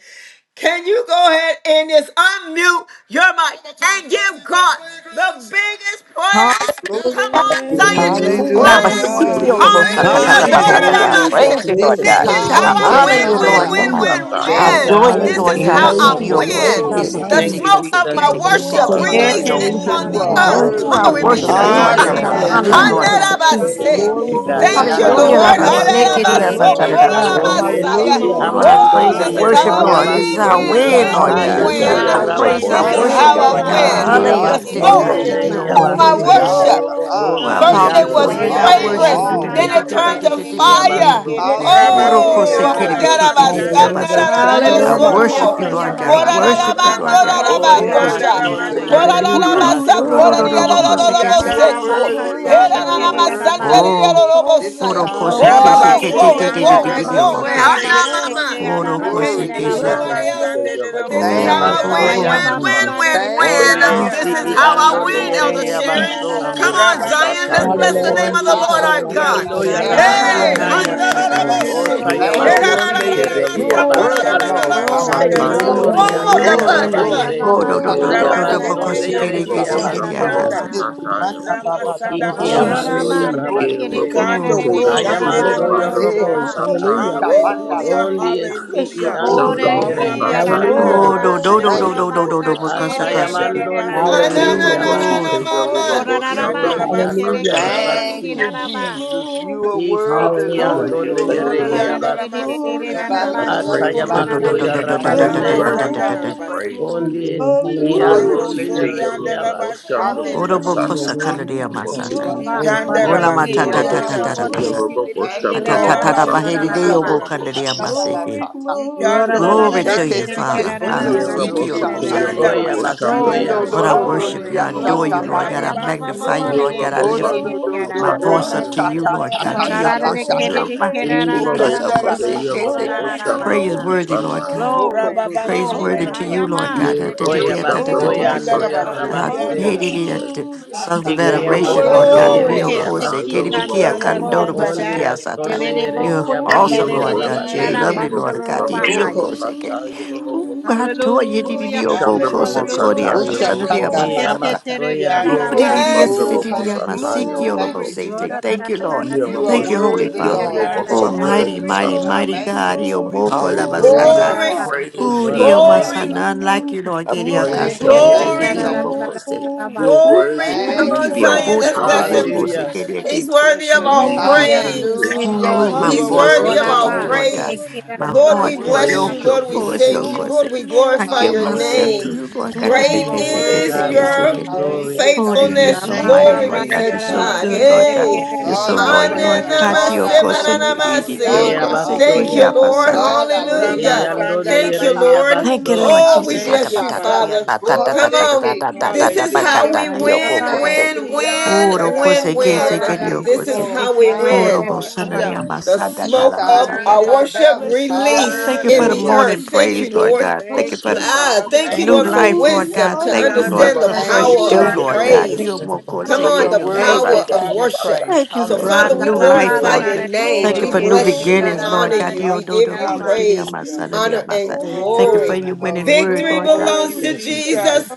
Speaker 1: can you go ahead and just unmute your mic and give God the biggest
Speaker 2: Hallelujah.
Speaker 1: praise? Come on, Zion,
Speaker 3: Glory,
Speaker 1: it's
Speaker 4: Hallelujah.
Speaker 2: Glory
Speaker 5: Hallelujah,
Speaker 1: Friday.
Speaker 6: Hallelujah.
Speaker 4: Hallelujah.
Speaker 3: hallelujah,
Speaker 5: hallelujah,
Speaker 6: Thank you,
Speaker 1: Hallelujah,
Speaker 3: glory,
Speaker 6: Jesus.
Speaker 5: hallelujah.
Speaker 1: Lord
Speaker 2: to
Speaker 1: of
Speaker 7: Ooh-na-ba-siki-olo-bo-sa-ta-ta-ta-ba-sa-ta-ta.
Speaker 8: Hallelujah.
Speaker 1: us.
Speaker 7: Praise
Speaker 2: Jesus.
Speaker 7: you, Lord
Speaker 6: This
Speaker 4: Holobosike
Speaker 5: Glory
Speaker 6: is
Speaker 7: God.
Speaker 5: to
Speaker 1: This
Speaker 5: your
Speaker 1: is
Speaker 8: Thank
Speaker 6: how
Speaker 1: how
Speaker 7: I
Speaker 6: I
Speaker 8: you,
Speaker 5: name,
Speaker 1: I
Speaker 7: honor
Speaker 6: win
Speaker 5: Jesus.
Speaker 1: win,
Speaker 7: you,
Speaker 6: my
Speaker 8: Jesus.
Speaker 1: win,
Speaker 7: Lord
Speaker 1: win,
Speaker 6: battles,
Speaker 7: God.
Speaker 5: Hallelujah.
Speaker 6: Lord.
Speaker 1: win,
Speaker 7: I
Speaker 4: yeloboshamdelobosataya.
Speaker 8: Yes,
Speaker 3: hallelujah,
Speaker 1: win.
Speaker 9: Glory,
Speaker 7: adore you,
Speaker 8: God.
Speaker 1: This
Speaker 6: Hallelujah.
Speaker 7: Lord
Speaker 1: is
Speaker 5: We
Speaker 9: hallelujah,
Speaker 7: God.
Speaker 1: how
Speaker 7: I
Speaker 3: glory,
Speaker 9: bless
Speaker 5: praise
Speaker 9: your
Speaker 5: you,
Speaker 3: haya
Speaker 5: we
Speaker 10: This
Speaker 9: name,
Speaker 5: bless
Speaker 1: I win
Speaker 4: Yelobosike
Speaker 5: you,
Speaker 6: Glory
Speaker 5: we
Speaker 9: Jesus.
Speaker 6: to
Speaker 1: the
Speaker 3: basandala,
Speaker 5: honor
Speaker 6: your
Speaker 8: Thank you,
Speaker 5: you.
Speaker 6: name.
Speaker 1: smoke of
Speaker 8: Jesus.
Speaker 1: my
Speaker 6: Thank you,
Speaker 9: Amen.
Speaker 1: worship
Speaker 5: For
Speaker 6: Father.
Speaker 9: To
Speaker 5: my
Speaker 9: God,
Speaker 1: release
Speaker 9: the
Speaker 4: yeloboshamdelobosataya.
Speaker 1: it
Speaker 5: praise is
Speaker 6: You
Speaker 1: on
Speaker 9: Holy
Speaker 5: my
Speaker 1: the
Speaker 6: are
Speaker 3: glory to
Speaker 1: earth.
Speaker 9: God.
Speaker 5: worship
Speaker 7: Ooh, I
Speaker 6: worthy
Speaker 3: God,
Speaker 5: and
Speaker 1: Glory
Speaker 5: is
Speaker 6: to be
Speaker 1: be
Speaker 5: my
Speaker 4: Hallelujah.
Speaker 7: worship
Speaker 9: Wonderful
Speaker 7: you,
Speaker 1: to
Speaker 3: haya
Speaker 7: Lord God.
Speaker 5: weapon.
Speaker 1: God.
Speaker 9: counselor,
Speaker 3: ya
Speaker 6: praised.
Speaker 11: Arabo
Speaker 7: I
Speaker 3: la
Speaker 9: Father
Speaker 7: honor
Speaker 3: la
Speaker 7: you,
Speaker 9: God.
Speaker 5: Hallelujah.
Speaker 7: Lord
Speaker 4: Shamdelobosataya
Speaker 6: Hallelujah,
Speaker 9: Prince
Speaker 11: Sandeleba
Speaker 7: God.
Speaker 9: of
Speaker 3: saye,
Speaker 9: Peace, oh
Speaker 8: Hey,
Speaker 6: Jesus.
Speaker 4: yelobos.
Speaker 1: Hanerabase.
Speaker 9: God.
Speaker 11: Shandelebo
Speaker 5: Glory,
Speaker 8: hey,
Speaker 7: Ooh,
Speaker 8: God.
Speaker 5: glory,
Speaker 9: Resurrected,
Speaker 1: Thank
Speaker 6: Thank
Speaker 1: you,
Speaker 6: you,
Speaker 8: Yando
Speaker 5: glory
Speaker 7: Hallelujah.
Speaker 9: Father
Speaker 11: Siandalaba
Speaker 6: Lord.
Speaker 8: ya
Speaker 1: Lord.
Speaker 9: God.
Speaker 5: belongs
Speaker 3: hallelujah,
Speaker 8: raba
Speaker 5: unto
Speaker 6: Blessed
Speaker 5: you,
Speaker 6: be
Speaker 8: sataya.
Speaker 11: Rama
Speaker 1: Hanerabaso
Speaker 4: Yelobosike
Speaker 6: the
Speaker 5: Almighty
Speaker 6: name
Speaker 3: glory,
Speaker 6: of
Speaker 9: Your name,
Speaker 6: the
Speaker 11: Sandalaba
Speaker 5: God.
Speaker 7: la-ba-siki-di-ya-ba-sa-ta-ta-ba-sa-ta.
Speaker 6: Lord.
Speaker 8: Onde
Speaker 3: glory,
Speaker 8: esi
Speaker 9: God.
Speaker 1: koronamasaya.
Speaker 8: i
Speaker 11: Shende.
Speaker 7: Ooh,
Speaker 5: Hallelujah,
Speaker 7: Lord,
Speaker 3: glory,
Speaker 7: I
Speaker 9: Wonderful
Speaker 6: Hallelujah.
Speaker 1: Oh,
Speaker 7: praise
Speaker 8: amandonde
Speaker 7: and
Speaker 4: yeloboshamdelobosataya.
Speaker 1: this
Speaker 3: glory,
Speaker 9: counselor,
Speaker 1: is
Speaker 8: yere
Speaker 7: worship,
Speaker 9: God.
Speaker 1: how
Speaker 7: Lord.
Speaker 3: glory,
Speaker 11: Hallelujah.
Speaker 7: This is
Speaker 1: I
Speaker 7: our
Speaker 5: hallelujah,
Speaker 8: yabaso.
Speaker 3: glory,
Speaker 1: win, win,
Speaker 6: Hallelujah.
Speaker 9: You're
Speaker 7: win,
Speaker 11: Rama
Speaker 1: win,
Speaker 7: Lord
Speaker 1: win,
Speaker 7: God.
Speaker 9: holy,
Speaker 10: is
Speaker 4: Yelobosike
Speaker 10: how
Speaker 6: Hallelujah.
Speaker 8: Hayando
Speaker 9: God,
Speaker 11: siandala
Speaker 5: hallelujah.
Speaker 8: ya
Speaker 10: I
Speaker 7: I
Speaker 1: win.
Speaker 11: ma
Speaker 9: the
Speaker 3: hallelujah.
Speaker 7: praise and
Speaker 10: win.
Speaker 7: I
Speaker 1: This
Speaker 6: Lord,
Speaker 8: rabase.
Speaker 1: is
Speaker 10: Hiya
Speaker 9: righteous.
Speaker 6: I
Speaker 3: Yeah,
Speaker 10: ba
Speaker 7: worship
Speaker 11: shotorianda
Speaker 9: God.
Speaker 7: you,
Speaker 10: ba
Speaker 3: yeah,
Speaker 6: thank
Speaker 1: how I
Speaker 7: Lord
Speaker 6: you.
Speaker 10: ba
Speaker 7: God.
Speaker 6: I
Speaker 3: yeah,
Speaker 9: You
Speaker 10: ba
Speaker 9: are
Speaker 6: give
Speaker 11: rabasi.
Speaker 7: I
Speaker 1: win.
Speaker 8: Ati
Speaker 10: de
Speaker 3: yeah,
Speaker 7: honor
Speaker 9: my
Speaker 4: yeloboshamdelobosataya
Speaker 6: you
Speaker 10: de
Speaker 5: Glory
Speaker 7: you,
Speaker 1: The
Speaker 10: de
Speaker 5: to
Speaker 3: yeah.
Speaker 6: all
Speaker 10: de
Speaker 5: your
Speaker 7: dear
Speaker 10: de
Speaker 6: the
Speaker 10: de
Speaker 5: name,
Speaker 8: yabasonde
Speaker 1: smoke
Speaker 10: da
Speaker 7: God.
Speaker 6: glory.
Speaker 10: da
Speaker 11: Andele
Speaker 8: yere
Speaker 5: Jesus.
Speaker 4: yelobosita.
Speaker 10: ba.
Speaker 11: rabo
Speaker 3: Ayalasa,
Speaker 1: of
Speaker 6: I
Speaker 3: yeah,
Speaker 6: give
Speaker 8: yabaso.
Speaker 1: my
Speaker 6: you
Speaker 5: Hallelujah.
Speaker 6: all
Speaker 11: sorianda
Speaker 9: peace.
Speaker 1: worship.
Speaker 6: the
Speaker 11: rabasha.
Speaker 6: honor
Speaker 8: Glory.
Speaker 7: Well,
Speaker 3: glory
Speaker 8: I
Speaker 6: and
Speaker 4: Holobosike
Speaker 1: First
Speaker 7: bow
Speaker 5: Thank
Speaker 6: I
Speaker 10: Hallelujah.
Speaker 3: to
Speaker 1: it
Speaker 5: you,
Speaker 6: give
Speaker 11: Siandalama Shotoriandalabasi.
Speaker 7: before
Speaker 1: was
Speaker 6: you
Speaker 7: you
Speaker 3: God.
Speaker 8: andonde
Speaker 7: and I
Speaker 5: Jesus.
Speaker 6: all,
Speaker 8: yere
Speaker 10: Hiya
Speaker 11: Andelebo
Speaker 7: worship
Speaker 1: fragrance,
Speaker 11: Soriandalabasha. Andelebo
Speaker 10: ba
Speaker 7: you. I
Speaker 10: ba
Speaker 6: all
Speaker 5: Hallelujah.
Speaker 1: then
Speaker 6: the
Speaker 10: ba
Speaker 1: it
Speaker 10: ba de
Speaker 1: turned
Speaker 10: de
Speaker 1: to
Speaker 4: yeloboshamdelobosataya.
Speaker 10: de
Speaker 6: praises.
Speaker 11: Soriandalabashi.
Speaker 10: ke de de
Speaker 5: Thank
Speaker 3: Hallelujah.
Speaker 1: fire.
Speaker 5: you,
Speaker 10: ke
Speaker 8: yabaso.
Speaker 10: de
Speaker 3: Bless
Speaker 10: de de
Speaker 5: Jesus.
Speaker 3: your
Speaker 10: de
Speaker 11: Rabba
Speaker 10: de de
Speaker 3: holy
Speaker 10: da
Speaker 1: Oh,
Speaker 10: da
Speaker 6: Hallelujah.
Speaker 4: Yellow
Speaker 10: ba.
Speaker 3: name,
Speaker 4: bossy,
Speaker 11: Soriandalama
Speaker 4: take a
Speaker 3: Jesus.
Speaker 4: little
Speaker 5: Hallelujah.
Speaker 4: boy,
Speaker 11: Sandalabashi.
Speaker 5: Thank
Speaker 6: This is
Speaker 4: Shandalo
Speaker 6: how
Speaker 11: Andelebo
Speaker 10: Hallelujah.
Speaker 7: worship
Speaker 1: yarabasanadarabasoko.
Speaker 6: I
Speaker 7: you,
Speaker 10: Hiya
Speaker 7: Lord
Speaker 11: Sata.
Speaker 6: win
Speaker 10: ba
Speaker 7: God. I
Speaker 10: ba
Speaker 6: my
Speaker 3: Glory
Speaker 10: ba
Speaker 3: to
Speaker 10: ba
Speaker 7: worship you,
Speaker 10: ba
Speaker 6: battles.
Speaker 11: Rama
Speaker 7: Lord
Speaker 10: ba
Speaker 3: God.
Speaker 10: de
Speaker 7: God.
Speaker 11: Mama
Speaker 10: de de
Speaker 8: O
Speaker 10: ke de
Speaker 5: you,
Speaker 10: de
Speaker 6: Glory
Speaker 11: sorianda
Speaker 10: de
Speaker 1: Borarabandorabakosha.
Speaker 10: de
Speaker 6: to
Speaker 11: rama
Speaker 10: da
Speaker 5: Jesus.
Speaker 8: yabasonde
Speaker 6: your
Speaker 10: ba.
Speaker 3: Hallelujah.
Speaker 8: yere
Speaker 6: name.
Speaker 11: Soriandalama
Speaker 5: Hallelujah.
Speaker 6: Thank you,
Speaker 11: rabasi.
Speaker 5: Thank
Speaker 6: Father.
Speaker 8: yabasoya.
Speaker 5: you, Jesus.
Speaker 4: Mosataya
Speaker 3: Glory,
Speaker 6: You are
Speaker 3: glory,
Speaker 11: Yandarabo
Speaker 1: Korarabasakoriaraboseko.
Speaker 10: Oramarabaka
Speaker 6: worthy, Lord.
Speaker 11: Sorianda
Speaker 6: You are
Speaker 11: Rabase.
Speaker 3: glory.
Speaker 6: worthy.
Speaker 10: sheketereraba.
Speaker 7: Oh,
Speaker 6: This is
Speaker 1: Heranamasandarabosaya.
Speaker 7: oro
Speaker 6: how I
Speaker 7: kose
Speaker 10: Robo
Speaker 6: win
Speaker 7: kese
Speaker 11: Rababa
Speaker 6: my
Speaker 1: Oh,
Speaker 7: kete te te
Speaker 1: glory,
Speaker 6: battles.
Speaker 7: te
Speaker 11: Sorianda
Speaker 1: glory,
Speaker 3: Hallelujah.
Speaker 7: bididio
Speaker 1: glory.
Speaker 6: Hallelujah,
Speaker 11: Ramashande
Speaker 10: rekirikirabandoroba
Speaker 6: Jesus.
Speaker 7: mokose.
Speaker 11: de
Speaker 1: Hana mama.
Speaker 11: Rabasoria.
Speaker 7: Oro
Speaker 1: I
Speaker 3: Hallelujah.
Speaker 1: can't
Speaker 7: kose
Speaker 6: Glory
Speaker 1: speak
Speaker 6: to
Speaker 1: for
Speaker 6: your
Speaker 7: kese.
Speaker 10: shekeararararaba.
Speaker 1: nobody
Speaker 6: name.
Speaker 1: else,
Speaker 11: Ramasande
Speaker 3: Glory,
Speaker 11: de
Speaker 1: but this
Speaker 11: Rabo
Speaker 1: is
Speaker 3: glory,
Speaker 6: Thank
Speaker 7: Oh,
Speaker 6: you,
Speaker 1: how I
Speaker 7: bo bo
Speaker 11: Soriande
Speaker 1: win,
Speaker 6: Father.
Speaker 7: bo.
Speaker 11: de
Speaker 5: Thank
Speaker 8: Yabasoya.
Speaker 5: you,
Speaker 7: bo.
Speaker 1: win,
Speaker 11: Rabase.
Speaker 1: win,
Speaker 5: Jesus.
Speaker 10: Hayababa
Speaker 1: win,
Speaker 3: glory.
Speaker 6: Thank you,
Speaker 1: win.
Speaker 8: Onde
Speaker 7: Oh,
Speaker 11: Yanda
Speaker 6: Father.
Speaker 1: This
Speaker 8: esi
Speaker 1: is
Speaker 8: i
Speaker 6: This
Speaker 1: how
Speaker 6: is
Speaker 10: rekerekerarararaba
Speaker 1: I
Speaker 6: how
Speaker 11: Rabashande
Speaker 8: andonde
Speaker 1: win,
Speaker 11: de
Speaker 6: I
Speaker 8: yere
Speaker 1: Elder
Speaker 11: Rabo
Speaker 6: win
Speaker 7: eh,
Speaker 11: Soria.
Speaker 1: Sharon.
Speaker 6: my
Speaker 8: yabaso.
Speaker 6: battles.
Speaker 3: Ooh,
Speaker 1: Come on,
Speaker 10: kosherekerarararaba.
Speaker 11: Rababa
Speaker 1: Zion. Let's
Speaker 7: oh,
Speaker 11: Sande
Speaker 1: bless
Speaker 3: ooh,
Speaker 11: de
Speaker 1: the
Speaker 3: ooh,
Speaker 6: This
Speaker 1: name
Speaker 5: Hallelujah.
Speaker 6: is
Speaker 1: of the
Speaker 11: Rabashe.
Speaker 8: Only
Speaker 6: how
Speaker 1: Lord
Speaker 6: I
Speaker 1: our
Speaker 3: ooh,
Speaker 6: win
Speaker 1: God.
Speaker 6: my
Speaker 8: Esiando
Speaker 6: battles.
Speaker 1: Hey,
Speaker 10: Hayaba
Speaker 11: Yanda
Speaker 6: Hallelujah.
Speaker 8: Yarabakataya,
Speaker 11: Rabashande de
Speaker 8: O
Speaker 1: handaraboshi.
Speaker 3: Glory,
Speaker 11: Rabo
Speaker 6: Thank
Speaker 10: hekelerabandorororaba
Speaker 6: you,
Speaker 3: glory,
Speaker 11: Soria.
Speaker 8: Tayabasonde
Speaker 6: Jesus.
Speaker 3: glory,
Speaker 8: Yere
Speaker 10: she.
Speaker 6: You are
Speaker 11: Sanda
Speaker 6: worthy,
Speaker 8: Iabaso,
Speaker 6: Lord.
Speaker 10: Glory,
Speaker 11: Rabasanda
Speaker 3: glory.
Speaker 1: Yerararararabasandaraboshi.
Speaker 6: Hallelujah.
Speaker 3: Bless
Speaker 7: oro
Speaker 5: Hallelujah,
Speaker 11: Rabo
Speaker 7: bo.
Speaker 3: your
Speaker 10: glory,
Speaker 1: oh,
Speaker 8: Loriando
Speaker 3: holy
Speaker 1: the
Speaker 5: hallelujah,
Speaker 11: Sorianda
Speaker 4: Lobosita,
Speaker 6: Glory,
Speaker 10: glory.
Speaker 1: blood,
Speaker 3: name.
Speaker 1: the
Speaker 5: hallelujah.
Speaker 11: Rabase.
Speaker 1: blood.
Speaker 6: glory,
Speaker 8: Yarabase,
Speaker 7: Oh,
Speaker 10: Hayababa
Speaker 7: no,
Speaker 6: glory.
Speaker 7: no, no,
Speaker 4: Give
Speaker 7: no,
Speaker 4: up
Speaker 10: baba
Speaker 7: no,
Speaker 4: a
Speaker 6: Hashakanda
Speaker 7: no,
Speaker 6: la la la
Speaker 4: teacher,
Speaker 11: Rabasete
Speaker 8: Iabasonde
Speaker 7: mokose
Speaker 6: la
Speaker 4: give
Speaker 10: rarararaka
Speaker 3: Glory
Speaker 6: la
Speaker 8: Yere
Speaker 11: Yanda
Speaker 4: up
Speaker 7: kere
Speaker 3: to
Speaker 4: a
Speaker 7: kese
Speaker 11: Rabo
Speaker 4: bush,
Speaker 5: Thank
Speaker 6: sata.
Speaker 3: God.
Speaker 5: you,
Speaker 7: kere
Speaker 4: under a
Speaker 8: Iabasoya,
Speaker 5: Jesus.
Speaker 7: akase.
Speaker 6: Neke
Speaker 10: shererararaba.
Speaker 4: monsatai, of
Speaker 6: manda
Speaker 4: a
Speaker 6: la
Speaker 3: Hallelujah.
Speaker 6: la
Speaker 4: boss
Speaker 6: la
Speaker 11: Ramasanda
Speaker 5: Thank
Speaker 6: la
Speaker 4: teacher.
Speaker 5: you, Lord.
Speaker 6: sata.
Speaker 8: Ikiamando
Speaker 7: Jesus.
Speaker 11: Rabasete.
Speaker 5: Hallelujah.
Speaker 6: Oh,
Speaker 4: Give up
Speaker 8: Yarabase,
Speaker 6: consider
Speaker 4: a
Speaker 6: with
Speaker 3: Hallelujah.
Speaker 6: your
Speaker 11: Ikando
Speaker 4: teacher,
Speaker 7: Oh.
Speaker 4: give
Speaker 6: blood
Speaker 5: We
Speaker 6: and
Speaker 4: up
Speaker 3: Glory,
Speaker 6: your
Speaker 4: a
Speaker 5: give
Speaker 11: Boshande
Speaker 5: you
Speaker 6: holy
Speaker 4: bush,
Speaker 8: Ayamando
Speaker 5: glory,
Speaker 6: ghost.
Speaker 3: glory.
Speaker 4: under
Speaker 5: honor, and
Speaker 4: a
Speaker 6: Hey,
Speaker 11: Ramasia.
Speaker 5: praise.
Speaker 10: Orarabandorokirikirararararaba.
Speaker 8: Yorobosataya,
Speaker 4: monsatai,
Speaker 5: Hallelujah.
Speaker 4: of
Speaker 6: shika
Speaker 4: a
Speaker 6: manda
Speaker 4: boss
Speaker 6: la
Speaker 11: Hallelujah,
Speaker 4: teacher.
Speaker 8: Only
Speaker 3: Hallelujah.
Speaker 6: sata.
Speaker 3: Bless
Speaker 8: Esi
Speaker 3: your
Speaker 11: hallelujah.
Speaker 5: Thank you,
Speaker 6: Oh
Speaker 4: Under
Speaker 3: holy
Speaker 4: a
Speaker 8: Andonde
Speaker 10: Ore
Speaker 5: Father
Speaker 6: God, we
Speaker 8: Yere
Speaker 3: name.
Speaker 5: God.
Speaker 10: ki
Speaker 6: thank you.
Speaker 4: monsatai,
Speaker 11: Ramasanda
Speaker 4: of
Speaker 8: Iabaso,
Speaker 5: Hallelujah.
Speaker 7: Oh,
Speaker 4: a
Speaker 7: do
Speaker 10: arararaba,
Speaker 4: boss
Speaker 7: do do
Speaker 6: Thank
Speaker 4: teacher,
Speaker 7: do
Speaker 3: Glory
Speaker 4: give
Speaker 10: barorora
Speaker 11: Rabashete.
Speaker 6: you,
Speaker 7: do
Speaker 4: up
Speaker 3: to
Speaker 7: do
Speaker 4: a
Speaker 7: do do
Speaker 10: baka
Speaker 4: boss
Speaker 3: God.
Speaker 10: she
Speaker 7: bakasa
Speaker 4: teacher.
Speaker 10: de de de
Speaker 11: Ianda
Speaker 10: de
Speaker 7: kasiki.
Speaker 10: de
Speaker 8: Atayamandonde
Speaker 6: Father.
Speaker 1: Na,
Speaker 10: raba.
Speaker 11: Rabasori
Speaker 8: Yere
Speaker 1: na,
Speaker 4: Give
Speaker 6: Thank
Speaker 11: Anda
Speaker 1: na,
Speaker 4: up
Speaker 5: Hallelujah.
Speaker 6: you,
Speaker 4: a
Speaker 1: na,
Speaker 7: Oh,
Speaker 11: Rabasha.
Speaker 1: na,
Speaker 3: Hallelujah.
Speaker 8: Iabaso,
Speaker 4: teacher,
Speaker 7: do
Speaker 4: give
Speaker 1: na,
Speaker 6: hallelujah,
Speaker 4: up a
Speaker 10: Rora
Speaker 4: bush, under
Speaker 11: Yanda
Speaker 6: hallelujah.
Speaker 10: raraba,
Speaker 4: a
Speaker 3: Hallelujah.
Speaker 8: Loriando
Speaker 10: yekere
Speaker 11: Rabasande
Speaker 5: Hallelujah.
Speaker 4: monsatai,
Speaker 10: kere de
Speaker 4: of
Speaker 10: de
Speaker 4: a
Speaker 3: Glory,
Speaker 10: de
Speaker 6: Thank
Speaker 8: Yarabasi,
Speaker 6: you,
Speaker 11: Rabasete.
Speaker 4: boss
Speaker 3: glory,
Speaker 4: teacher.
Speaker 10: raba.
Speaker 6: Jesus. You
Speaker 3: glory.
Speaker 6: are worthy,
Speaker 5: Hallelujah.
Speaker 6: Lord.
Speaker 4: Hallelujah.
Speaker 6: You
Speaker 8: Ishikiandonde
Speaker 6: are
Speaker 4: Thank
Speaker 8: Yere
Speaker 4: you,
Speaker 10: Rora
Speaker 4: Lord.
Speaker 6: worthy,
Speaker 10: rarara
Speaker 11: Ianda
Speaker 3: Hallelujah.
Speaker 10: de
Speaker 6: Lord.
Speaker 10: de
Speaker 8: Iabaso.
Speaker 10: de de
Speaker 11: Ramasori
Speaker 10: de
Speaker 3: Glory,
Speaker 11: Anda
Speaker 6: Nobody
Speaker 4: I
Speaker 10: raba.
Speaker 6: can
Speaker 11: Rabasha.
Speaker 6: love
Speaker 4: praise
Speaker 3: glory,
Speaker 6: us
Speaker 7: oh,
Speaker 10: sokora
Speaker 7: do
Speaker 4: your
Speaker 6: like
Speaker 5: Thank
Speaker 7: do
Speaker 5: you,
Speaker 6: you
Speaker 7: do
Speaker 10: rarara
Speaker 8: Atayamando
Speaker 3: glory.
Speaker 10: de
Speaker 4: holy
Speaker 7: do
Speaker 12: Thank
Speaker 6: can.
Speaker 7: do
Speaker 10: de
Speaker 5: Jesus.
Speaker 10: de
Speaker 7: do
Speaker 12: you.
Speaker 6: I
Speaker 4: name.
Speaker 7: do
Speaker 6: give
Speaker 4: You're
Speaker 6: you
Speaker 7: do do do
Speaker 10: raraba.
Speaker 5: Hallelujah.
Speaker 8: Yarabase,
Speaker 7: do
Speaker 4: worthy
Speaker 6: glory,
Speaker 7: do
Speaker 11: Ramasanda
Speaker 4: to
Speaker 7: do
Speaker 6: honor,
Speaker 7: do.
Speaker 6: and
Speaker 4: be
Speaker 3: Glory,
Speaker 6: praise.
Speaker 11: Rabase.
Speaker 4: praised.
Speaker 5: Thank
Speaker 3: glory.
Speaker 5: you,
Speaker 8: only
Speaker 5: Lord.
Speaker 4: All
Speaker 8: see
Speaker 5: Hallelujah.
Speaker 4: of
Speaker 8: and
Speaker 7: Ooh,
Speaker 4: us,
Speaker 11: Robo
Speaker 4: he
Speaker 8: only
Speaker 4: say,
Speaker 5: Thank
Speaker 6: Hallelujah,
Speaker 5: you,
Speaker 3: Hallelujah.
Speaker 11: Sorianda
Speaker 4: yellow,
Speaker 5: Jesus.
Speaker 8: Yabasoya,
Speaker 11: Rabashende
Speaker 7: oro
Speaker 5: For
Speaker 11: Rabas.
Speaker 5: you are
Speaker 6: Hallelujah.
Speaker 7: bokosa
Speaker 5: worthy to
Speaker 7: kanaria
Speaker 5: be
Speaker 3: Hallelujah.
Speaker 5: praised,
Speaker 7: masata.
Speaker 6: Hallelujah.
Speaker 5: not
Speaker 3: Glory,
Speaker 6: Thank
Speaker 10: Raba,
Speaker 6: you,
Speaker 5: glorified.
Speaker 11: Ikanda
Speaker 10: barara
Speaker 1: mama.
Speaker 7: Ola
Speaker 3: glory,
Speaker 6: Jesus.
Speaker 10: ki,
Speaker 5: Hallelujah.
Speaker 11: Rabasori
Speaker 4: Yellow
Speaker 7: matata
Speaker 6: Thank
Speaker 7: ta ta
Speaker 6: you,
Speaker 10: ababa
Speaker 11: Anda
Speaker 7: ta
Speaker 3: glory,
Speaker 7: ta ta
Speaker 4: Bosita,
Speaker 6: Lord.
Speaker 10: babore
Speaker 11: Rabasha.
Speaker 10: de
Speaker 4: Yellow
Speaker 7: basata.
Speaker 10: ki de de
Speaker 3: glory.
Speaker 10: de
Speaker 6: Thank
Speaker 10: de
Speaker 6: you,
Speaker 4: Bosham, the
Speaker 7: Atata
Speaker 6: Lord.
Speaker 10: raba,
Speaker 7: ta ta
Speaker 11: Rababa
Speaker 4: Lomosata,
Speaker 10: rora
Speaker 7: bahiri de
Speaker 6: Hallelujah.
Speaker 3: Hallelujah.
Speaker 11: Sorianda
Speaker 10: raraba.
Speaker 7: yobo
Speaker 4: Yellow
Speaker 6: Hoshe
Speaker 11: Rabasha.
Speaker 7: kanaria
Speaker 4: Bosita.
Speaker 6: kanalala
Speaker 7: maseki.
Speaker 3: Glory,
Speaker 6: sata.
Speaker 3: glory,
Speaker 10: Rora
Speaker 11: Ikando
Speaker 10: rarara
Speaker 7: Glory
Speaker 10: de
Speaker 7: to
Speaker 6: Heke
Speaker 10: ki
Speaker 3: glory,
Speaker 7: you,
Speaker 11: boshande
Speaker 10: de
Speaker 11: de
Speaker 6: sike
Speaker 7: Father.
Speaker 10: kere
Speaker 6: bondo
Speaker 7: Hallelujah.
Speaker 11: basete.
Speaker 10: rarara
Speaker 6: lo
Speaker 3: glory.
Speaker 4: Yellow
Speaker 10: de
Speaker 7: Seek
Speaker 6: lo
Speaker 3: We
Speaker 10: de
Speaker 7: you,
Speaker 10: de
Speaker 7: Lord,
Speaker 10: de
Speaker 7: most
Speaker 4: Bosita,
Speaker 10: de
Speaker 6: shata.
Speaker 7: under
Speaker 10: de.
Speaker 7: the
Speaker 11: Ianda
Speaker 4: Yellow
Speaker 3: glorify
Speaker 8: Oya
Speaker 3: you,
Speaker 7: Amasata.
Speaker 4: Bosham, the
Speaker 11: rabasanda
Speaker 6: Bilo
Speaker 8: Basoya,
Speaker 10: Glory,
Speaker 3: Jesus.
Speaker 7: Lord,
Speaker 6: lo
Speaker 7: I
Speaker 6: lo lo
Speaker 4: Lomosata,
Speaker 11: rabosoria.
Speaker 6: lo
Speaker 7: worship
Speaker 10: glory,
Speaker 7: you.
Speaker 6: ya
Speaker 7: I
Speaker 4: Yellow
Speaker 7: adore you,
Speaker 6: shata
Speaker 10: glory.
Speaker 7: Lord
Speaker 6: ba
Speaker 3: Hallelujah.
Speaker 7: God.
Speaker 4: Bosita.
Speaker 7: I
Speaker 10: Haya
Speaker 6: yeke.
Speaker 11: Rababa
Speaker 10: baba
Speaker 7: magnify you,
Speaker 11: sondoro
Speaker 10: babare
Speaker 7: Lord
Speaker 10: de
Speaker 4: Yellow
Speaker 3: Glory,
Speaker 7: God. I
Speaker 10: de
Speaker 11: rabosoria.
Speaker 7: lift
Speaker 6: Bodo
Speaker 4: Bosam,
Speaker 10: de
Speaker 4: the
Speaker 10: de
Speaker 6: lo
Speaker 10: de
Speaker 3: glory,
Speaker 6: lo
Speaker 7: my
Speaker 6: lo lo
Speaker 7: voice
Speaker 4: Lomosata,
Speaker 10: raraba.
Speaker 7: up to
Speaker 6: kuka
Speaker 3: glory.
Speaker 4: Yellow
Speaker 7: you,
Speaker 11: Ramasanda
Speaker 7: Lord
Speaker 6: kata
Speaker 7: God. To
Speaker 4: Bosita.
Speaker 3: Bless
Speaker 7: your
Speaker 3: your
Speaker 6: kandala
Speaker 11: rabasete.
Speaker 7: course and
Speaker 6: shata.
Speaker 3: holy
Speaker 7: your my.
Speaker 3: name,
Speaker 4: Ula
Speaker 6: Boko
Speaker 3: Jesus.
Speaker 11: Ikanda
Speaker 6: kuka
Speaker 4: Bosita,
Speaker 6: kata
Speaker 4: Yellow
Speaker 11: ramashoria
Speaker 3: Glory,
Speaker 11: anda
Speaker 6: kundala
Speaker 4: Bosham, the
Speaker 11: rabas.
Speaker 7: Praise
Speaker 10: Ha-ra-ra-ra-ra-ra-ra-ra-ra-ra-ra-ra-ra-ra-ra-ra-ra-ra-ra-ra-ra.
Speaker 6: shata.
Speaker 3: glory,
Speaker 7: worthy, Lord
Speaker 4: Lomosata.
Speaker 7: God.
Speaker 6: Boko
Speaker 3: glory.
Speaker 10: Glory,
Speaker 11: Rababa
Speaker 10: glory,
Speaker 11: sanda
Speaker 7: Praiseworthy
Speaker 6: bushekito
Speaker 7: to
Speaker 11: rabas.
Speaker 7: you,
Speaker 6: kanda.
Speaker 7: Lord
Speaker 10: hayaba,
Speaker 7: God. Ah,
Speaker 4: Yellow
Speaker 3: Hallelujah.
Speaker 7: da, da,
Speaker 8: Oya
Speaker 7: da, da,
Speaker 4: Bosham,
Speaker 7: da, da,
Speaker 6: Boko
Speaker 4: the
Speaker 7: da,
Speaker 10: yekekelelelabo,
Speaker 8: Basoya
Speaker 7: da,
Speaker 3: Glory
Speaker 8: and
Speaker 11: Ianda
Speaker 6: bise
Speaker 7: da.
Speaker 3: to
Speaker 8: Oya
Speaker 4: Lomosata,
Speaker 3: God.
Speaker 6: kandala
Speaker 7: Ah,
Speaker 4: Yellow
Speaker 11: rabasoria
Speaker 10: da-da-da-man-de-de-ke.
Speaker 11: anda
Speaker 7: hey,
Speaker 8: Rabase,
Speaker 6: sata.
Speaker 7: da,
Speaker 11: rabas.
Speaker 7: da, da,
Speaker 4: Bosita.
Speaker 7: da.
Speaker 3: Hallelujah.
Speaker 6: La
Speaker 7: Songs of
Speaker 6: sata
Speaker 3: We
Speaker 11: Thank
Speaker 4: Yellow
Speaker 11: you,
Speaker 7: adoration,
Speaker 4: Bosam,
Speaker 7: Lord
Speaker 11: Lord.
Speaker 4: the
Speaker 8: Ikiamasonde
Speaker 3: worship.
Speaker 7: God.
Speaker 10: Radabo,
Speaker 1: Glory.
Speaker 7: Ibio
Speaker 8: Yerehia
Speaker 7: kose,
Speaker 6: kabata
Speaker 4: Lomosata,
Speaker 3: We
Speaker 8: Baso,
Speaker 4: Yellow
Speaker 7: kedibikia,
Speaker 3: worship
Speaker 10: kesikikandorobo,
Speaker 6: Oko
Speaker 7: kandono
Speaker 4: Bosita.
Speaker 11: Ramasanda
Speaker 3: you,
Speaker 8: only
Speaker 10: bada,
Speaker 3: Lord.
Speaker 11: rabas.
Speaker 7: basikia
Speaker 8: a
Speaker 6: bashike
Speaker 7: sata.
Speaker 8: Sonde
Speaker 6: bashuko
Speaker 10: elelebo,
Speaker 7: You're
Speaker 6: masa.
Speaker 8: Yerehia
Speaker 7: awesome,
Speaker 8: Mando
Speaker 3: Glory,
Speaker 4: Yellow
Speaker 7: Lord God.
Speaker 3: hallelujah.
Speaker 11: Ramasoria
Speaker 4: Bosita,
Speaker 7: You're
Speaker 11: anda
Speaker 8: Yarabasi,
Speaker 4: Yellow
Speaker 11: rabas.
Speaker 7: lovely,
Speaker 6: Eke
Speaker 7: Lord God.
Speaker 4: Bosam, the
Speaker 7: Idio
Speaker 10: kotekelelelelirarabandorobahaya.
Speaker 6: oko
Speaker 7: kose ke.
Speaker 4: Lomosata, Yellow
Speaker 7: Ooh, I
Speaker 4: Bosita.
Speaker 3: Hallelujah.
Speaker 7: adore you.
Speaker 10: Hallelujah,
Speaker 3: Glory,
Speaker 7: Idio bo kose,
Speaker 4: Shandalomo
Speaker 3: glory,
Speaker 11: Hallelujah.
Speaker 7: kodia,
Speaker 4: Sataya
Speaker 3: glory,
Speaker 10: hallelujah.
Speaker 7: masanudia,
Speaker 6: oshakanda
Speaker 3: glory.
Speaker 7: masata.
Speaker 4: Robosite,
Speaker 6: lasata.
Speaker 8: Iamasoya.
Speaker 11: Ianda
Speaker 7: Ooh,
Speaker 3: Thank you,
Speaker 7: di,
Speaker 4: Rolobo
Speaker 7: di,
Speaker 10: Yeketeterekararaba,
Speaker 7: di, yes,
Speaker 11: rabashate.
Speaker 7: di,
Speaker 1: Yes.
Speaker 6: Oh,
Speaker 3: Jesus.
Speaker 7: di,
Speaker 4: Sandalomo
Speaker 7: di, ah,
Speaker 4: Sataya
Speaker 6: hallelujah.
Speaker 7: masikio, lobo,
Speaker 6: Thank
Speaker 3: Glory
Speaker 6: you,
Speaker 4: Robos,
Speaker 3: to God.
Speaker 6: Jesus.
Speaker 7: Thank you, Lord.
Speaker 6: You are
Speaker 7: Thank you,
Speaker 4: Yeloboshite,
Speaker 7: Holy
Speaker 6: worthy,
Speaker 3: Hallelujah.
Speaker 7: Father.
Speaker 6: Lord.
Speaker 4: Yelobo
Speaker 6: You
Speaker 11: Ianda
Speaker 6: are
Speaker 7: Oh,
Speaker 11: rabas.
Speaker 10: rodararararararikerererekarararararaba,
Speaker 7: mighty,
Speaker 6: worthy,
Speaker 4: Sandalomo
Speaker 3: Glory,
Speaker 7: mighty,
Speaker 6: Lord. I
Speaker 4: Sataya.
Speaker 7: mighty
Speaker 3: glory,
Speaker 6: thank
Speaker 7: God.
Speaker 6: you.
Speaker 7: Io
Speaker 3: glory,
Speaker 7: moko la
Speaker 3: glory,
Speaker 6: Thank
Speaker 7: basata.
Speaker 6: you,
Speaker 4: Hallelujah. I
Speaker 1: Glory.
Speaker 3: glory.
Speaker 10: rodaraba.
Speaker 6: Father.
Speaker 4: Praise
Speaker 7: Ooh,
Speaker 4: you,
Speaker 8: Lord, I
Speaker 7: dear,
Speaker 4: Father
Speaker 7: my
Speaker 8: thank
Speaker 6: Hoshekanda
Speaker 4: God.
Speaker 7: son,
Speaker 1: Glory.
Speaker 8: you.
Speaker 7: none
Speaker 6: sata.
Speaker 7: like you,
Speaker 3: Hallelujah.
Speaker 7: Lord.
Speaker 4: I
Speaker 7: Get your
Speaker 10: Kerele
Speaker 3: Glory,
Speaker 4: praise
Speaker 7: casa,
Speaker 6: Thank you,
Speaker 4: your
Speaker 7: get
Speaker 10: kerele
Speaker 7: it,
Speaker 4: holy
Speaker 6: thank
Speaker 3: glory,
Speaker 6: you,
Speaker 7: get
Speaker 1: Glory.
Speaker 7: your
Speaker 10: karara
Speaker 4: name.
Speaker 6: thank you.
Speaker 7: boko,
Speaker 10: rara
Speaker 7: say.
Speaker 10: rara
Speaker 3: glory.
Speaker 10: ba.
Speaker 4: You're
Speaker 7: Ooh,
Speaker 4: worthy
Speaker 1: Glory.
Speaker 7: ooh,
Speaker 3: Ay,
Speaker 1: Come
Speaker 7: ooh,
Speaker 4: to be
Speaker 6: Thank
Speaker 3: ay,
Speaker 7: keep
Speaker 6: you,
Speaker 1: on,
Speaker 3: ay,
Speaker 7: your
Speaker 3: ay, la,
Speaker 1: Zion.
Speaker 6: Father.
Speaker 4: praised.
Speaker 7: boat,
Speaker 1: Let's
Speaker 3: la,
Speaker 7: oh, to
Speaker 1: bless
Speaker 6: Thank
Speaker 3: sanda,
Speaker 1: him.
Speaker 6: you,
Speaker 7: boko,
Speaker 4: Hallelujah.
Speaker 3: la,
Speaker 7: say,
Speaker 3: la,
Speaker 8: Hallelujah.
Speaker 3: la,
Speaker 7: get
Speaker 6: Jesus.
Speaker 7: it,
Speaker 3: la.
Speaker 1: He's
Speaker 7: get it.
Speaker 1: worthy
Speaker 11: Bless
Speaker 1: of
Speaker 11: your
Speaker 1: all
Speaker 11: name.
Speaker 4: Thank you,
Speaker 3: Glory
Speaker 10: Haya
Speaker 3: to
Speaker 1: praise.
Speaker 4: Jesus.
Speaker 10: hikete
Speaker 3: God.
Speaker 6: Hallelujah.
Speaker 7: Oh,
Speaker 10: de.
Speaker 7: my
Speaker 6: You
Speaker 1: He's
Speaker 6: are
Speaker 4: Hallelujah.
Speaker 13: Yeah.
Speaker 7: voice
Speaker 1: worthy
Speaker 3: Hallelujah.
Speaker 7: lift
Speaker 1: of
Speaker 6: worthy,
Speaker 7: up to
Speaker 1: our
Speaker 10: Goraba
Speaker 7: you,
Speaker 6: Lord.
Speaker 4: Hallelujah.
Speaker 7: Lord God.
Speaker 10: dere
Speaker 1: praise.
Speaker 7: My
Speaker 10: kerara
Speaker 6: You
Speaker 10: ba
Speaker 1: Lord,
Speaker 6: are
Speaker 4: I
Speaker 1: we
Speaker 7: heart is
Speaker 1: bless
Speaker 10: dorara
Speaker 7: your
Speaker 6: worthy
Speaker 1: you.
Speaker 4: praise
Speaker 10: ba.
Speaker 3: Glory.
Speaker 6: to
Speaker 4: your
Speaker 1: Lord,
Speaker 6: be
Speaker 1: we
Speaker 4: holy
Speaker 7: voice,
Speaker 6: praised.
Speaker 1: thank
Speaker 7: Lord
Speaker 4: name.
Speaker 1: you.
Speaker 7: God,
Speaker 3: Glory,
Speaker 1: Lord,
Speaker 7: say.
Speaker 1: we
Speaker 7: I
Speaker 3: glory,
Speaker 1: glorify
Speaker 7: give
Speaker 1: your
Speaker 7: myself to
Speaker 1: name.
Speaker 6: Hallelujah,
Speaker 4: Hallelujah.
Speaker 3: glory,
Speaker 7: you, Lord God,
Speaker 6: Jesus.
Speaker 7: that
Speaker 6: You
Speaker 1: Great
Speaker 7: make
Speaker 6: are
Speaker 7: it, say,
Speaker 8: Yes,
Speaker 3: glory,
Speaker 4: Thank
Speaker 7: get
Speaker 1: is
Speaker 4: you,
Speaker 7: it,
Speaker 6: worthy,
Speaker 8: God,
Speaker 4: Lord.
Speaker 7: get
Speaker 8: we give
Speaker 7: it,
Speaker 6: Lord.
Speaker 1: your
Speaker 7: get
Speaker 8: you
Speaker 7: it.
Speaker 11: Thank
Speaker 8: glory.
Speaker 3: hallelujah.
Speaker 11: you,
Speaker 7: Oh,
Speaker 6: Hallelujah.
Speaker 7: dear,
Speaker 11: thank
Speaker 7: you're
Speaker 11: you,
Speaker 1: faithfulness.
Speaker 7: so
Speaker 10: Aba
Speaker 11: thank
Speaker 10: ba
Speaker 7: mighty,
Speaker 11: you,
Speaker 3: Glory,
Speaker 1: Glory
Speaker 10: ba
Speaker 6: Thank
Speaker 1: be
Speaker 7: Lord
Speaker 6: you,
Speaker 11: thank
Speaker 10: rara
Speaker 7: God.
Speaker 1: to
Speaker 11: you,
Speaker 7: You're
Speaker 10: rara
Speaker 7: so
Speaker 6: Jesus.
Speaker 3: glory,
Speaker 1: God.
Speaker 7: good,
Speaker 11: Father.
Speaker 7: Lord
Speaker 10: kerele
Speaker 7: God.
Speaker 1: Hey.
Speaker 7: You're
Speaker 10: kerele
Speaker 3: glory,
Speaker 10: de
Speaker 7: so
Speaker 6: Lord,
Speaker 10: de
Speaker 6: I
Speaker 10: de
Speaker 7: loyal,
Speaker 10: de
Speaker 7: Lord
Speaker 6: praise
Speaker 10: ba.
Speaker 6: you.
Speaker 3: glory,
Speaker 11: andarabas.
Speaker 7: God.
Speaker 6: Lord,
Speaker 1: Hananamase,
Speaker 7: Your
Speaker 6: I
Speaker 7: cause,
Speaker 3: glory,
Speaker 7: you,
Speaker 6: glorify
Speaker 7: eat
Speaker 6: you.
Speaker 7: it, your
Speaker 1: mananamase.
Speaker 6: Lord,
Speaker 8: Eya
Speaker 6: I
Speaker 11: Andarabasandarabosoryandarabas.
Speaker 7: cause,
Speaker 6: honor
Speaker 1: Thank
Speaker 7: get
Speaker 6: you.
Speaker 1: you,
Speaker 7: your
Speaker 8: Basoya,
Speaker 1: Lord.
Speaker 7: pasata.
Speaker 3: glory,
Speaker 6: Lord, I
Speaker 3: glory,
Speaker 6: lift you
Speaker 1: Hallelujah.
Speaker 6: up.
Speaker 8: Eyando
Speaker 3: glory,
Speaker 6: This is
Speaker 1: Thank you,
Speaker 6: how
Speaker 8: Yerehia
Speaker 11: Ramasandarabashita.
Speaker 1: Lord.
Speaker 7: Thank you,
Speaker 8: Baso.
Speaker 7: Lord
Speaker 6: I
Speaker 1: Oh, we
Speaker 7: Jesus.
Speaker 3: hallelujah,
Speaker 11: Thank
Speaker 6: win
Speaker 1: bless
Speaker 11: you,
Speaker 6: my
Speaker 1: you, Father.
Speaker 11: Father.
Speaker 6: battles. Oh,
Speaker 1: Come
Speaker 6: shake
Speaker 1: on.
Speaker 6: it,
Speaker 3: hallelujah.
Speaker 1: This
Speaker 6: Cuco.
Speaker 1: is how
Speaker 3: Glory,
Speaker 11: Hallelujah.
Speaker 1: we
Speaker 10: Haya
Speaker 3: glory,
Speaker 10: ba.
Speaker 1: win,
Speaker 6: Thank
Speaker 3: glory,
Speaker 6: you,
Speaker 1: win,
Speaker 6: Lord.
Speaker 3: glory,
Speaker 1: win,
Speaker 7: Oro
Speaker 1: win,
Speaker 7: kose
Speaker 3: glory,
Speaker 7: ke se
Speaker 10: Raba
Speaker 1: win.
Speaker 7: ke dio
Speaker 10: rara
Speaker 6: Thank
Speaker 11: Yandarabashande.
Speaker 6: you,
Speaker 1: This
Speaker 3: hallelujah.
Speaker 1: is
Speaker 7: kose.
Speaker 10: kete
Speaker 6: Lord.
Speaker 1: how we
Speaker 6: Thank you,
Speaker 10: kerele
Speaker 7: Oro
Speaker 3: Glory
Speaker 10: de
Speaker 1: win
Speaker 7: bo
Speaker 3: to
Speaker 6: Lord.
Speaker 10: rara
Speaker 7: sana
Speaker 10: ba.
Speaker 7: ni
Speaker 11: Hallelujah.
Speaker 3: God,
Speaker 1: the
Speaker 7: amasada
Speaker 6: This
Speaker 4: Shandalomo
Speaker 7: da
Speaker 6: is
Speaker 7: la
Speaker 1: smoke
Speaker 6: how I
Speaker 1: of
Speaker 3: hallelujah.
Speaker 11: Rande
Speaker 7: basada
Speaker 1: our
Speaker 6: win
Speaker 7: da la.
Speaker 6: my
Speaker 11: de
Speaker 4: Sataya.
Speaker 1: worship
Speaker 6: battles.
Speaker 3: Bless your holy
Speaker 1: release
Speaker 7: Thank you
Speaker 4: Jesus,
Speaker 7: for
Speaker 1: in
Speaker 11: Randedabasiyandarab-
Speaker 7: the
Speaker 1: the
Speaker 3: name,
Speaker 4: hallelujah,
Speaker 6: Hallelujah.
Speaker 7: morning
Speaker 1: earth.
Speaker 3: Jesus.
Speaker 1: Thank
Speaker 7: praise,
Speaker 1: you,
Speaker 7: Lord
Speaker 1: Lord.
Speaker 7: God. Thank
Speaker 3: Hallelujah.
Speaker 7: you
Speaker 11: Thank
Speaker 7: for
Speaker 11: you,
Speaker 7: the
Speaker 1: Ah, thank
Speaker 11: Father.
Speaker 1: you,
Speaker 6: Thank
Speaker 7: new
Speaker 1: Lord,
Speaker 6: you,
Speaker 1: for
Speaker 7: life,
Speaker 6: Jesus.
Speaker 7: Lord
Speaker 3: Hallelujah.
Speaker 1: wisdom
Speaker 7: God.
Speaker 1: to
Speaker 10: Rara rara
Speaker 7: Thank you,
Speaker 3: Hallelujah.
Speaker 7: Lord,
Speaker 1: understand the
Speaker 7: for
Speaker 10: rara
Speaker 6: Thank
Speaker 7: fresh
Speaker 10: kete
Speaker 6: you,
Speaker 1: power
Speaker 7: dew,
Speaker 10: de
Speaker 1: of
Speaker 3: Hallelujah.
Speaker 6: Father.
Speaker 7: Lord
Speaker 10: kerele
Speaker 11: Yandarabasoryandarabas.
Speaker 10: de
Speaker 7: God.
Speaker 1: praise.
Speaker 10: de
Speaker 7: Dio
Speaker 3: Hallelujah.
Speaker 7: mo
Speaker 10: de rara
Speaker 1: Come
Speaker 7: kose
Speaker 10: ba.
Speaker 6: You
Speaker 1: on,
Speaker 7: ke
Speaker 3: Glory,
Speaker 6: are
Speaker 1: the
Speaker 7: dio
Speaker 3: glory,
Speaker 11: Thank you,
Speaker 6: worthy
Speaker 1: power
Speaker 7: bo
Speaker 1: of
Speaker 6: to
Speaker 3: glory.
Speaker 6: be
Speaker 11: Father.
Speaker 1: worship.
Speaker 6: praised.
Speaker 7: Thank you,
Speaker 1: So,
Speaker 7: Lord,
Speaker 3: Bless
Speaker 10: Ra
Speaker 7: for
Speaker 1: Father,
Speaker 3: your
Speaker 10: la
Speaker 1: we
Speaker 6: Hallelujah.
Speaker 7: new
Speaker 10: la
Speaker 3: holy
Speaker 10: ba
Speaker 7: life,
Speaker 10: ra
Speaker 1: glorify
Speaker 10: ra
Speaker 7: Lord.
Speaker 3: name.
Speaker 1: your
Speaker 10: ra
Speaker 7: Th-
Speaker 11: Thank you,
Speaker 1: name.
Speaker 10: kere
Speaker 7: Thank
Speaker 6: You
Speaker 7: you
Speaker 1: We
Speaker 11: Lord.
Speaker 6: are
Speaker 7: for
Speaker 3: Glory,
Speaker 7: new
Speaker 10: kere de
Speaker 1: bless
Speaker 6: worthy,
Speaker 1: you.
Speaker 3: glory,
Speaker 10: ka
Speaker 1: We
Speaker 10: ra
Speaker 7: beginnings,
Speaker 6: Lord.
Speaker 10: ra
Speaker 1: honor
Speaker 7: Lord
Speaker 10: ra
Speaker 7: God.
Speaker 10: ra de
Speaker 1: you.
Speaker 3: glory.
Speaker 7: Dio
Speaker 1: We
Speaker 11: Ha-
Speaker 10: de
Speaker 1: give
Speaker 7: dodo
Speaker 10: ra
Speaker 1: you
Speaker 10: ra ba.
Speaker 3: Thank you,
Speaker 7: cordia,
Speaker 1: praise,
Speaker 7: my
Speaker 11: Hallelujah.
Speaker 7: son, and
Speaker 3: Jesus.
Speaker 7: dear
Speaker 1: honor,
Speaker 7: my
Speaker 1: and
Speaker 7: son.
Speaker 6: You
Speaker 3: Glory
Speaker 6: are
Speaker 3: to
Speaker 13: Yeah,
Speaker 7: Thank you
Speaker 13: no,
Speaker 7: for
Speaker 1: glory.
Speaker 13: no,
Speaker 6: worthy,
Speaker 13: no,
Speaker 7: your
Speaker 13: no, no.
Speaker 7: winning
Speaker 6: Lord.
Speaker 7: word,
Speaker 6: You
Speaker 1: Victory
Speaker 6: are
Speaker 7: Lord God.
Speaker 11: Thank
Speaker 1: belongs
Speaker 11: you,
Speaker 6: worthy.
Speaker 3: glory
Speaker 1: to
Speaker 8: Thank
Speaker 3: to
Speaker 8: you,
Speaker 3: God.
Speaker 11: Jesus.
Speaker 8: Jesus.
Speaker 1: Jesus.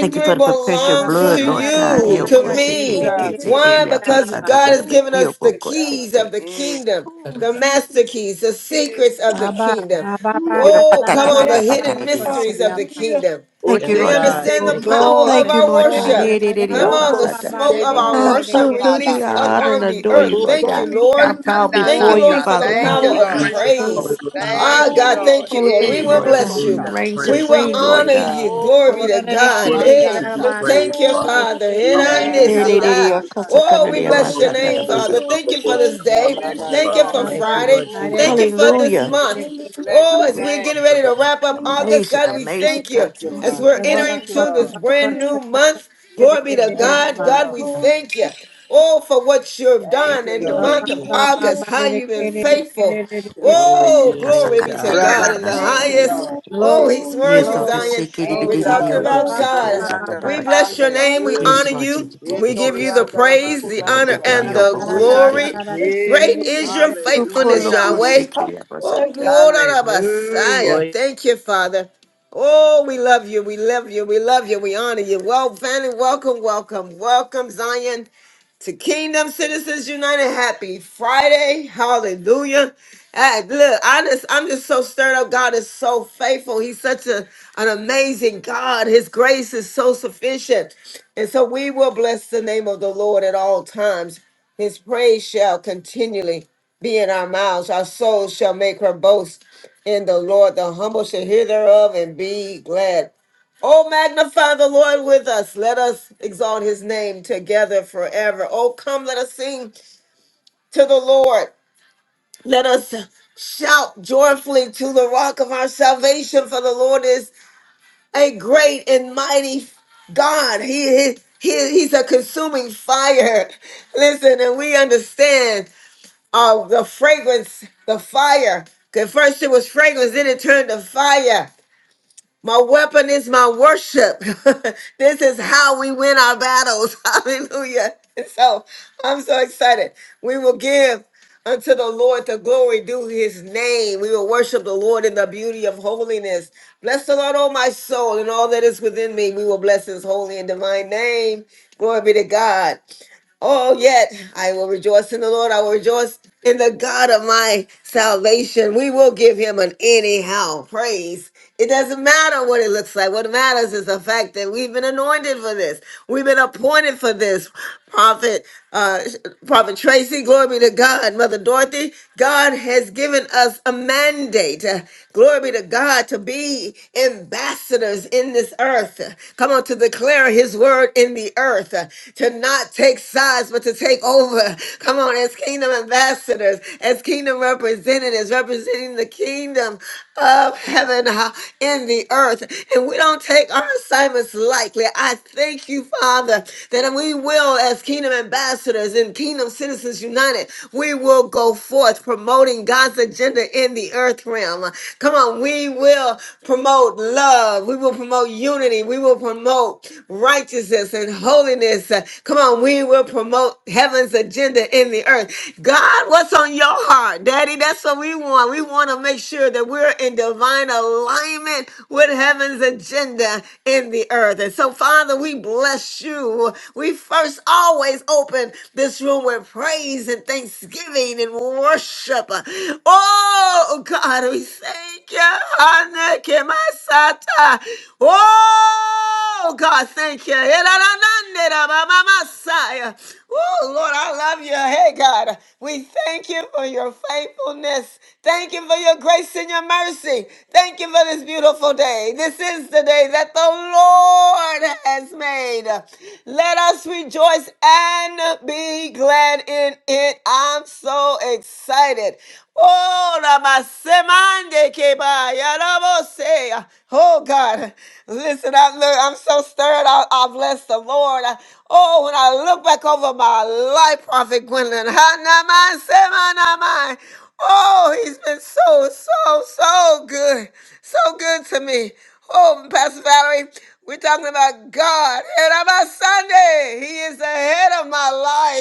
Speaker 7: Thank you for the
Speaker 10: La
Speaker 7: perpetual
Speaker 10: la ba
Speaker 1: belongs to
Speaker 7: blood,
Speaker 10: ra
Speaker 3: Thank you.
Speaker 10: ra
Speaker 7: Lord
Speaker 10: ra ra
Speaker 7: God.
Speaker 13: no.
Speaker 3: Thank
Speaker 10: ra
Speaker 1: you,
Speaker 10: ra
Speaker 7: Dio
Speaker 3: you,
Speaker 11: Thank
Speaker 1: to
Speaker 10: ka
Speaker 11: you,
Speaker 3: Lord.
Speaker 10: shi
Speaker 7: cosikiri,
Speaker 1: me.
Speaker 10: kere de
Speaker 11: Jesus.
Speaker 10: de
Speaker 3: Hallelujah.
Speaker 10: de
Speaker 1: Why?
Speaker 7: kisikiri,
Speaker 10: de ra ra
Speaker 1: Because
Speaker 7: apasata,
Speaker 10: ba.
Speaker 7: da,
Speaker 1: God
Speaker 7: da, da,
Speaker 1: has
Speaker 7: ba-
Speaker 1: given
Speaker 3: Glory
Speaker 7: dio
Speaker 1: us the
Speaker 3: to God.
Speaker 1: keys of
Speaker 7: bokosiki.
Speaker 1: the
Speaker 11: Mm.
Speaker 1: kingdom, the
Speaker 7: Ooh,
Speaker 1: master
Speaker 3: Jesus.
Speaker 1: keys, the
Speaker 3: Yes,
Speaker 1: secrets of the
Speaker 3: God.
Speaker 10: Abba,
Speaker 1: kingdom.
Speaker 10: abba, ba,
Speaker 3: Hallelujah.
Speaker 7: ora
Speaker 10: da, da,
Speaker 1: Oh,
Speaker 10: da,
Speaker 1: come
Speaker 7: patata,
Speaker 10: da, da,
Speaker 7: da,
Speaker 1: on, the
Speaker 10: da,
Speaker 7: da,
Speaker 3: Yay.
Speaker 10: da, da,
Speaker 1: hidden
Speaker 7: patata,
Speaker 10: ba,
Speaker 7: dia
Speaker 10: koshe,
Speaker 1: mysteries of
Speaker 10: ya,
Speaker 7: sate.
Speaker 1: the
Speaker 10: ba.
Speaker 3: Hallelujah.
Speaker 1: kingdom.
Speaker 7: Thank you,
Speaker 8: Yes,
Speaker 1: We
Speaker 7: Lord
Speaker 3: Glory.
Speaker 7: God.
Speaker 8: God.
Speaker 6: Oshekike
Speaker 1: understand
Speaker 10: Oh,
Speaker 1: the
Speaker 8: Thank
Speaker 6: buto
Speaker 1: power
Speaker 8: you.
Speaker 3: Hallelujah.
Speaker 1: of
Speaker 7: Thank
Speaker 10: glory,
Speaker 7: you,
Speaker 1: our
Speaker 6: kandala.
Speaker 7: Lord God.
Speaker 3: Thank
Speaker 10: glory,
Speaker 7: Eh,
Speaker 1: worship.
Speaker 7: di, di,
Speaker 10: haya,
Speaker 3: you,
Speaker 7: di,
Speaker 1: Come
Speaker 10: ba,
Speaker 3: Jesus.
Speaker 1: on,
Speaker 10: ba,
Speaker 1: the
Speaker 6: Oko
Speaker 10: ba,
Speaker 7: apasata.
Speaker 10: ba,
Speaker 1: smoke
Speaker 10: de,
Speaker 6: shike
Speaker 1: of
Speaker 10: de,
Speaker 1: our
Speaker 10: ke,
Speaker 3: Glory,
Speaker 7: I
Speaker 6: buta
Speaker 10: de, de,
Speaker 1: worship
Speaker 7: bow
Speaker 10: ke,
Speaker 3: glory,
Speaker 7: bow
Speaker 10: da.
Speaker 7: to
Speaker 6: kandala
Speaker 7: do,
Speaker 1: release
Speaker 7: I
Speaker 3: glory,
Speaker 1: up
Speaker 7: honor
Speaker 6: saka.
Speaker 7: and
Speaker 3: glory.
Speaker 1: on the
Speaker 7: adore you,
Speaker 1: earth.
Speaker 7: Lord
Speaker 1: Thank
Speaker 6: Koko
Speaker 1: you,
Speaker 7: God. I
Speaker 1: Lord.
Speaker 6: pika
Speaker 7: bow
Speaker 3: Hallelujah.
Speaker 1: Thank
Speaker 6: tandala
Speaker 1: you,
Speaker 7: before
Speaker 10: Glory,
Speaker 7: you,
Speaker 1: Lord,
Speaker 6: sa.
Speaker 1: for
Speaker 3: Thank
Speaker 1: the
Speaker 3: you,
Speaker 7: Father
Speaker 6: Thank
Speaker 1: power
Speaker 6: you,
Speaker 10: glory,
Speaker 1: of
Speaker 6: Lord.
Speaker 3: Jesus.
Speaker 10: haya, ba,
Speaker 7: God.
Speaker 10: ba,
Speaker 1: praise.
Speaker 10: ba,
Speaker 3: Bless
Speaker 10: ba,
Speaker 3: your
Speaker 10: ba, de,
Speaker 1: Ah,
Speaker 6: Thank
Speaker 10: de,
Speaker 6: you,
Speaker 1: God,
Speaker 3: holy
Speaker 10: ke, de,
Speaker 1: thank
Speaker 6: Lord.
Speaker 10: de,
Speaker 1: you,
Speaker 7: Oh,
Speaker 10: ke,
Speaker 1: Lord. We
Speaker 7: thank
Speaker 10: de,
Speaker 6: Hey,
Speaker 7: you,
Speaker 10: da,
Speaker 1: will
Speaker 10: da,
Speaker 7: Lord
Speaker 3: name.
Speaker 1: bless
Speaker 7: God.
Speaker 10: ba.
Speaker 7: You
Speaker 1: you.
Speaker 6: shikota.
Speaker 4: hallelujah,
Speaker 7: reign
Speaker 1: We
Speaker 4: praise
Speaker 1: will
Speaker 4: the
Speaker 7: supreme,
Speaker 3: Yay.
Speaker 4: Holy
Speaker 11: Thank
Speaker 7: Lord
Speaker 11: you,
Speaker 1: honor
Speaker 4: Name.
Speaker 7: God.
Speaker 1: you.
Speaker 11: Father.
Speaker 3: Yay.
Speaker 1: Glory
Speaker 6: Oko
Speaker 10: Glory,
Speaker 1: to
Speaker 10: de, de,
Speaker 6: puka
Speaker 1: God.
Speaker 10: ke, de,
Speaker 4: Worthy
Speaker 10: de, da,
Speaker 6: manda
Speaker 4: to
Speaker 1: Hey,
Speaker 10: da,
Speaker 4: be
Speaker 10: ba,
Speaker 3: Bless
Speaker 10: da,
Speaker 3: your
Speaker 6: sata.
Speaker 1: thank
Speaker 4: praised,
Speaker 10: da, ba,
Speaker 1: you,
Speaker 4: Father.
Speaker 3: holy
Speaker 1: Father.
Speaker 10: koshe,
Speaker 1: And I
Speaker 10: ke, da,
Speaker 6: Thank
Speaker 10: da,
Speaker 6: you,
Speaker 3: name.
Speaker 1: miss
Speaker 10: da,
Speaker 4: Hallelujah.
Speaker 1: it.
Speaker 10: da, ba.
Speaker 1: I,
Speaker 6: hasa
Speaker 11: Yandarabasha.
Speaker 1: oh,
Speaker 6: kandala
Speaker 4: You
Speaker 1: we
Speaker 4: are
Speaker 1: bless your
Speaker 3: Glory,
Speaker 4: most
Speaker 6: sata.
Speaker 1: name,
Speaker 3: glory,
Speaker 4: sincere, you
Speaker 7: Ererererakasakanariamasatadabasa.
Speaker 4: are
Speaker 1: Father. Thank
Speaker 4: the
Speaker 3: glory,
Speaker 1: you for
Speaker 4: most,
Speaker 3: glory,
Speaker 1: this day.
Speaker 3: glory,
Speaker 6: Bless you,
Speaker 3: glory,
Speaker 1: Thank you
Speaker 6: Lord.
Speaker 1: for
Speaker 10: Da,
Speaker 11: Rabamasanda.
Speaker 3: glory.
Speaker 8: Thank
Speaker 10: ba,
Speaker 6: Bless
Speaker 8: you,
Speaker 6: your
Speaker 1: Friday.
Speaker 8: Lord
Speaker 7: Ooh,
Speaker 6: name.
Speaker 10: hare,
Speaker 1: Thank
Speaker 8: Jesus.
Speaker 10: ka,
Speaker 1: you for
Speaker 4: you are
Speaker 10: hare,
Speaker 4: the
Speaker 1: this
Speaker 7: Hallelujah!
Speaker 4: most
Speaker 10: ke, de, de,
Speaker 1: month.
Speaker 10: ke,
Speaker 3: Hallelujah.
Speaker 10: de, da,
Speaker 6: Bless
Speaker 10: ba.
Speaker 1: Oh,
Speaker 6: your
Speaker 1: as
Speaker 7: Am-
Speaker 1: we're getting
Speaker 6: name.
Speaker 1: ready to
Speaker 4: sincere.
Speaker 1: wrap up
Speaker 3: Hallelujah.
Speaker 1: August,
Speaker 7: Amazing,
Speaker 1: God,
Speaker 6: Bless
Speaker 1: we
Speaker 6: you.
Speaker 7: amazing
Speaker 1: thank
Speaker 7: God.
Speaker 1: you
Speaker 11: Thank you,
Speaker 7: You are
Speaker 1: as
Speaker 7: so
Speaker 3: Hallelujah.
Speaker 11: Father.
Speaker 1: we're
Speaker 10: Da, ba, ra,
Speaker 1: entering
Speaker 6: Thank
Speaker 7: beautiful.
Speaker 6: you,
Speaker 10: ko,
Speaker 1: to
Speaker 10: da,
Speaker 3: Hallelujah.
Speaker 1: this
Speaker 6: Lord.
Speaker 10: ba,
Speaker 1: brand
Speaker 10: koshe,
Speaker 3: Hallelujah.
Speaker 1: new
Speaker 10: ka, ka,
Speaker 1: month.
Speaker 10: ke, de,
Speaker 1: Glory be
Speaker 10: de,
Speaker 1: to
Speaker 10: de, de,
Speaker 3: Glory,
Speaker 10: da,
Speaker 6: Thank
Speaker 1: God.
Speaker 6: you,
Speaker 3: glory,
Speaker 10: ba.
Speaker 1: God,
Speaker 6: Lord.
Speaker 1: we
Speaker 3: glory,
Speaker 1: thank you.
Speaker 3: glory,
Speaker 1: Oh, for what you've
Speaker 6: Thank
Speaker 11: Thank
Speaker 1: done
Speaker 6: you,
Speaker 3: glory,
Speaker 1: in the
Speaker 11: you,
Speaker 6: Lord.
Speaker 3: glory, glory,
Speaker 11: thank
Speaker 1: month of
Speaker 11: you.
Speaker 1: August, how
Speaker 10: Glory,
Speaker 1: you've been
Speaker 3: glory,
Speaker 1: faithful.
Speaker 6: Thank you, Lord.
Speaker 8: Glory to
Speaker 1: Oh,
Speaker 8: your
Speaker 1: glory
Speaker 8: name,
Speaker 1: be to
Speaker 8: God.
Speaker 1: God in the
Speaker 6: Thank you,
Speaker 3: glory, glory, glory,
Speaker 1: highest.
Speaker 6: Lord.
Speaker 7: Akasakatadadianasatadiasati.
Speaker 1: Oh,
Speaker 11: Rabasandarabashende.
Speaker 1: he's
Speaker 3: glory,
Speaker 7: Yes,
Speaker 1: worthy,
Speaker 3: glory.
Speaker 7: Lord.
Speaker 10: glory,
Speaker 1: Zion.
Speaker 6: Thank
Speaker 1: We're
Speaker 10: glory.
Speaker 6: you,
Speaker 1: talking
Speaker 6: Lord.
Speaker 10: Ya
Speaker 1: about
Speaker 10: ba
Speaker 3: Hallelujah,
Speaker 11: Yandarabaso-
Speaker 10: ba ba
Speaker 1: God.
Speaker 10: ba ba
Speaker 1: We
Speaker 10: de
Speaker 11: Yandarabasha.
Speaker 7: Kasikidibidididiobosikiasatadabakate.
Speaker 1: bless your
Speaker 10: de
Speaker 1: name. We
Speaker 6: Hallelujah.
Speaker 1: honor
Speaker 7: Yes, Lord
Speaker 1: you.
Speaker 3: hallelujah,
Speaker 7: Jesus.
Speaker 1: We
Speaker 3: glory,
Speaker 1: give you the praise,
Speaker 3: glory,
Speaker 1: the
Speaker 8: Yes,
Speaker 1: honor,
Speaker 10: da
Speaker 1: and
Speaker 8: God.
Speaker 10: da da
Speaker 1: the
Speaker 10: da
Speaker 11: Retoriandaramasandarabasho-
Speaker 3: glory.
Speaker 10: da da da
Speaker 1: glory.
Speaker 10: da
Speaker 11: Yandara-
Speaker 7: Tikisikisikisikisikisikisikisikisikisiki.
Speaker 10: da de
Speaker 3: Bless
Speaker 10: de
Speaker 3: your
Speaker 10: de
Speaker 6: Yes.
Speaker 1: Great
Speaker 3: name,
Speaker 10: de
Speaker 1: is
Speaker 7: Ooh,
Speaker 1: your
Speaker 3: great
Speaker 10: de de
Speaker 3: is your
Speaker 10: da.
Speaker 1: faithfulness,
Speaker 11: Hallelujah.
Speaker 1: Yahweh.
Speaker 3: faithfulness.
Speaker 1: Oh,
Speaker 7: lokolokosikidiabasata.
Speaker 1: oh,
Speaker 3: Hallelujah.
Speaker 1: da, da,
Speaker 8: Oh,
Speaker 6: Hallelujah.
Speaker 1: Messiah.
Speaker 8: yeah.
Speaker 1: Thank you, Father. Oh, we love you. We love you. We love you. We honor you. Well, family, welcome, welcome, welcome, Zion to Kingdom Citizens United. Happy Friday. Hallelujah. Hey, look, I just, I'm just so stirred up. God is so faithful. He's such a, an amazing God. His grace is so sufficient. And so we will bless the name of the Lord at all times. His praise shall continually be in our mouths. Our soul shall make her boast in the Lord. The humble shall hear thereof and be glad. Oh, magnify the Lord with us. Let us exalt his name together forever. Oh, come, let us sing to the Lord. Let us shout joyfully to the rock of our salvation, for the Lord is a great and mighty God. He is. He, he's a consuming fire. Listen, and we understand uh, the fragrance, the fire. 'Cause first it was fragrance, then it turned to fire. My weapon is my worship. this is how we win our battles. Hallelujah. And so I'm so excited. We will give unto the Lord the glory due his name. We will worship the Lord in the beauty of holiness. Bless the Lord, oh my soul, and all that is within me. We will bless his holy and divine name. Glory be to God. Oh, yet I will rejoice in the Lord. I will rejoice in the God of my salvation. We will give him an anyhow praise. It doesn't matter what it looks like. What matters is the fact that we've been anointed for this. We've been appointed for this. Prophet, uh, Prophet Tracy, glory be to God. Mother Dorothy, God has given us a mandate. Uh, Glory be to God to be ambassadors in this earth. Come on, to declare his word in the earth to not take sides, but to take over. Come on, as kingdom ambassadors, as kingdom representatives, representing the kingdom of heaven uh, in the earth. And we don't take our assignments lightly. I thank you, Father, that we will, as kingdom ambassadors and kingdom citizens united, we will go forth promoting God's agenda in the earth realm. Come on, we will promote love. We will promote unity. We will promote righteousness and and holiness. Uh, Come on, we will promote heaven's agenda in the earth. God, what's on your heart, Daddy? That's what we want. We want to make sure that we're in divine alignment with heaven's agenda in the earth. And so, Father, we bless you. We first always open this room with praise and thanksgiving and worship. Oh, God, we thank you. Hana kemasata. Oh, Oh, God, thank you. Oh, Lord, I love you. Hey, God, we thank you for your faithfulness. Thank you for your grace and your mercy. Thank you for this beautiful day. This is the day that the Lord has made. Let us rejoice and be glad in it. I'm so excited. Oh, Ramasemande Keba, Yarabose. Oh, God. Listen. Listen, I look, I'm so stirred. I, I bless the Lord. I- oh, when I look back over my life, Prophet Gwendolyn, ha, not mine, say mine, not mine. Oh, he's been so, so, so good. So good to me. Oh, Pastor Valerie, we're talking about God. And on my Sunday, He is the head of my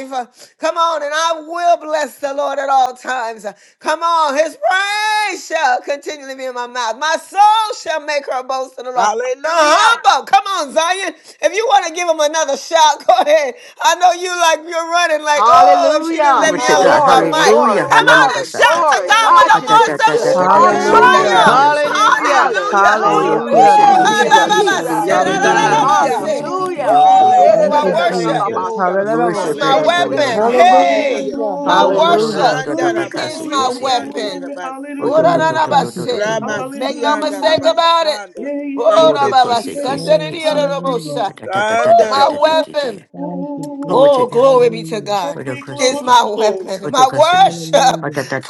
Speaker 1: life. Come on, and I will bless the Lord at all times. Come on, His praise shall continually be in my mouth. My soul shall make her boast in the Lord
Speaker 11: Hallelujah.
Speaker 1: humble. Come on, Zion. If you want to give him another shot, go ahead. I know you like you're running like, oh, if she didn't
Speaker 2: Hallelujah.
Speaker 1: let
Speaker 7: Glory
Speaker 3: Glory,
Speaker 1: me
Speaker 7: to God.
Speaker 1: unmute my
Speaker 2: Glory,
Speaker 3: glory,
Speaker 1: mic.
Speaker 2: glory,
Speaker 1: Come
Speaker 11: Hallelujah.
Speaker 1: on
Speaker 3: glory,
Speaker 1: and
Speaker 2: glory,
Speaker 7: Hallelujah.
Speaker 1: shout to
Speaker 2: glory.
Speaker 1: God with
Speaker 2: God,
Speaker 1: a
Speaker 11: Hallelujah.
Speaker 2: you've
Speaker 3: glory,
Speaker 7: Worship
Speaker 1: voice
Speaker 2: been
Speaker 7: and
Speaker 1: of
Speaker 2: good.
Speaker 1: sh-
Speaker 11: Orianda la
Speaker 5: Hallelujah.
Speaker 2: Hallelujah.
Speaker 1: triumph.
Speaker 8: hallelujah.
Speaker 1: Hallelujah.
Speaker 2: Hallelujah.
Speaker 1: Woo!
Speaker 5: Hallelujah.
Speaker 8: Thank you,
Speaker 3: glory,
Speaker 2: Thank
Speaker 5: Thank
Speaker 1: Ha,
Speaker 2: you,
Speaker 5: you,
Speaker 1: ba,
Speaker 8: Jesus.
Speaker 11: Hallelujah.
Speaker 1: ba, ba,
Speaker 5: Jesus.
Speaker 2: Jesus.
Speaker 3: glory,
Speaker 1: se,
Speaker 3: glory,
Speaker 1: da,
Speaker 8: Yes,
Speaker 1: da, da,
Speaker 5: Hallelujah.
Speaker 1: da,
Speaker 8: God.
Speaker 1: ba,
Speaker 11: Hallelujah.
Speaker 1: se.
Speaker 3: glory, glory,
Speaker 2: Hallelujah.
Speaker 3: glory.
Speaker 1: Woo!
Speaker 5: Thank
Speaker 1: I
Speaker 5: you,
Speaker 11: Hallelujah.
Speaker 10: Hallelujah.
Speaker 11: Thank
Speaker 1: worship
Speaker 3: glory.
Speaker 11: you,
Speaker 5: Jesus.
Speaker 11: Lord.
Speaker 1: is my
Speaker 5: Hallelujah.
Speaker 7: adore you,
Speaker 11: Hallelujah.
Speaker 3: Hallelujah.
Speaker 1: weapon.
Speaker 7: Lord God.
Speaker 3: Glory,
Speaker 1: Hey,
Speaker 11: Hallelujah.
Speaker 10: Hallelujah.
Speaker 1: my
Speaker 7: Oh,
Speaker 3: glory,
Speaker 7: no,
Speaker 8: Glory.
Speaker 7: no, no, no,
Speaker 5: Hallelujah.
Speaker 7: no, no,
Speaker 1: worship
Speaker 11: Sanda
Speaker 3: glory,
Speaker 11: la
Speaker 1: is
Speaker 7: Bakasa,
Speaker 3: glory,
Speaker 1: my
Speaker 7: Kese,
Speaker 11: bashoriande
Speaker 7: Kese.
Speaker 11: de
Speaker 1: weapon.
Speaker 11: la
Speaker 3: glory.
Speaker 7: Oh, no, no,
Speaker 5: Yes.
Speaker 7: no, no, no,
Speaker 3: Hallelujah.
Speaker 7: no,
Speaker 5: Thank
Speaker 7: no,
Speaker 5: you,
Speaker 7: no,
Speaker 1: Ora-ra-ra-ba-se.
Speaker 7: no.
Speaker 5: Jesus.
Speaker 1: Make no
Speaker 11: Ramasianda la
Speaker 1: mistake
Speaker 3: Hallelujah.
Speaker 1: about it.
Speaker 3: Yeah, yeah, yeah,
Speaker 7: Oh,
Speaker 11: Thank you,
Speaker 7: no, Kose,
Speaker 3: yeah.
Speaker 11: Jesus.
Speaker 3: yeah.
Speaker 7: Kese,
Speaker 5: Yes.
Speaker 7: Kese.
Speaker 5: Hallelujah.
Speaker 1: Ora-ba-ba-sa-da-da-da-da-da-bo-sa.
Speaker 3: Hallelujah.
Speaker 7: Da, da, da, da, da,
Speaker 11: Sanda
Speaker 7: da,
Speaker 1: My
Speaker 11: la
Speaker 7: da, da, da,
Speaker 3: Oh,
Speaker 7: da.
Speaker 1: weapon.
Speaker 5: Thank you,
Speaker 7: Glory to
Speaker 1: Oh,
Speaker 5: Jesus.
Speaker 3: glory,
Speaker 7: God.
Speaker 1: glory be to
Speaker 5: Hallelujah.
Speaker 1: God.
Speaker 7: Oh, no, Kose,
Speaker 1: It's
Speaker 3: glory,
Speaker 1: my
Speaker 7: Kese.
Speaker 3: glory.
Speaker 1: weapon,
Speaker 7: Oh, no,
Speaker 1: my
Speaker 7: Kose, Kese. Oh,
Speaker 1: worship.
Speaker 5: Hallelujah.
Speaker 7: da, da, da,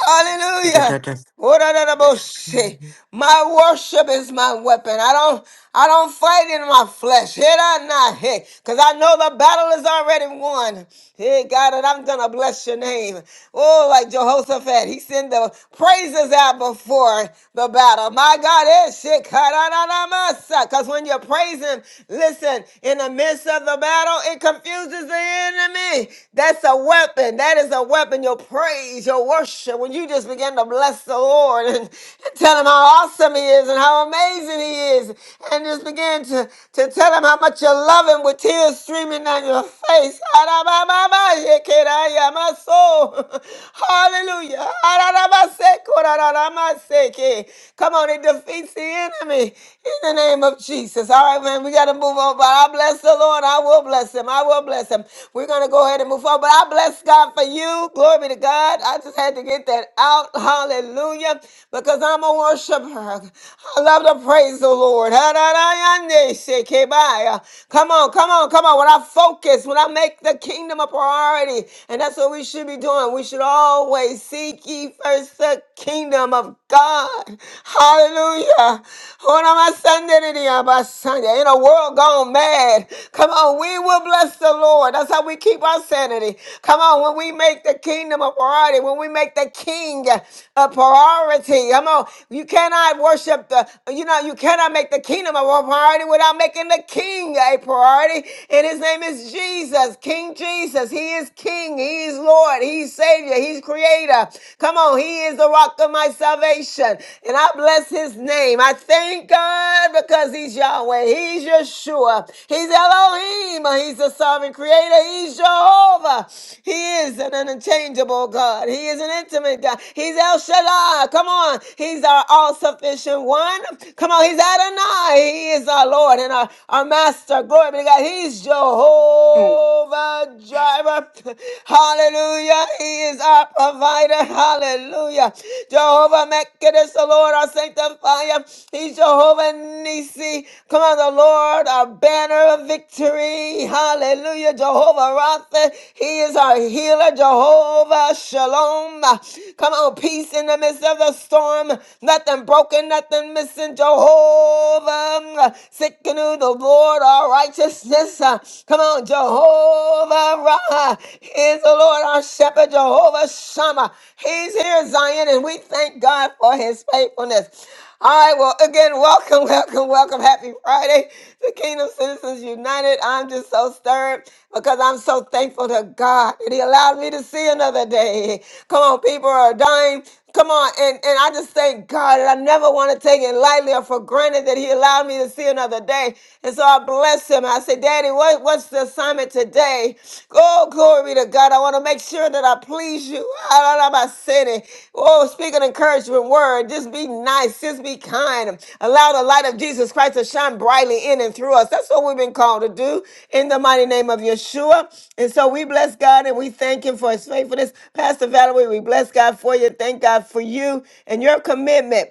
Speaker 7: da, da, da.
Speaker 1: Wo-da-da-da-bo-shi.
Speaker 5: Mhm.
Speaker 1: My worship is my weapon. I don't I don't fight in my flesh. Hit I not hit. Because I know the battle is already won. Hey God, and I'm gonna bless your name. Oh, like Jehoshaphat. He sent the praises out before the battle. My God is shit. Because when you're praising, listen. Listen, in the midst of the battle, it confuses the enemy. That's a weapon. That is a weapon. Your praise, your worship. When you just begin to bless the Lord and tell him how awesome he is and how amazing he is, and just begin to, to tell him how much you love him with tears streaming down your face. My soul. Hallelujah. Come on, it defeats the enemy in the name of Jesus. All right, man, we got to move on. But I bless the Lord. I will bless him. I will bless him. We're going to go ahead and move on. But I bless God for you. Glory to God. I just had to get that out. Hallelujah. Because I'm a worshiper. I love to praise the Lord. Come on, come on, come on. When I focus, when I make the kingdom a priority, and that's what we should be doing. We should always seek ye first the kingdom of God. Hallelujah. Honamasandinidiabasanya. In a world gone mad. Come on, we will bless the Lord. That's how we keep our sanity. Come on, when we make the kingdom a priority, when we make the king a priority. Come on, you cannot worship the, you know, you cannot make the kingdom a priority without making the king a priority. And his name is Jesus, King Jesus. He is King. He is Lord. He's Savior. He's Creator creator. Come on, he is the rock of my salvation. And I bless his name. I thank God because he's Yahweh. He's Yeshua. He's Elohim. He's the sovereign creator. He's Jehovah. He is an unchangeable God. He is an intimate God. He's El Shaddai. Come on. He's our all sufficient one. Come on. He's Adonai. He is our Lord and our, our Master. Glory be to God. He's Jehovah Jireh driver. Hallelujah. He is our provider. Hallelujah. Jehovah Mekadis, the Lord, our sanctifier. He's Jehovah Nisi. Come on, the Lord, our banner of victory. Hallelujah. Jehovah Rapha. He is our healer. Jehovah Shalom. Come on, peace in the midst of the storm. Nothing broken, nothing missing. Jehovah. Sick the Lord, our righteousness. Come on, Jehovah. Ra. is the Lord our shepherd, Jehovah Shammah. He's here, Zion, and we thank God for his faithfulness. All right, well, again, welcome, welcome, welcome. Happy Friday to Kingdom Citizens United. I'm just so stirred because I'm so thankful to God that He allowed me to see another day. Come on, people are dying. Come on, and, and I just thank God that I never want to take it lightly or for granted that He allowed me to see another day. And so I bless him. I say, Daddy, what, what's the assignment today? Oh, glory to God. I want to make sure that I please you. I don't know about sinning. Oh, speak an encouragement word. Just be nice. Just be kind. Allow the light of Jesus Christ to shine brightly in and through us. That's what we've been called to do in the mighty name of Yeshua. And so we bless God and we thank him for his faithfulness. Pastor Valerie, we bless God for you. Thank God for you and your commitment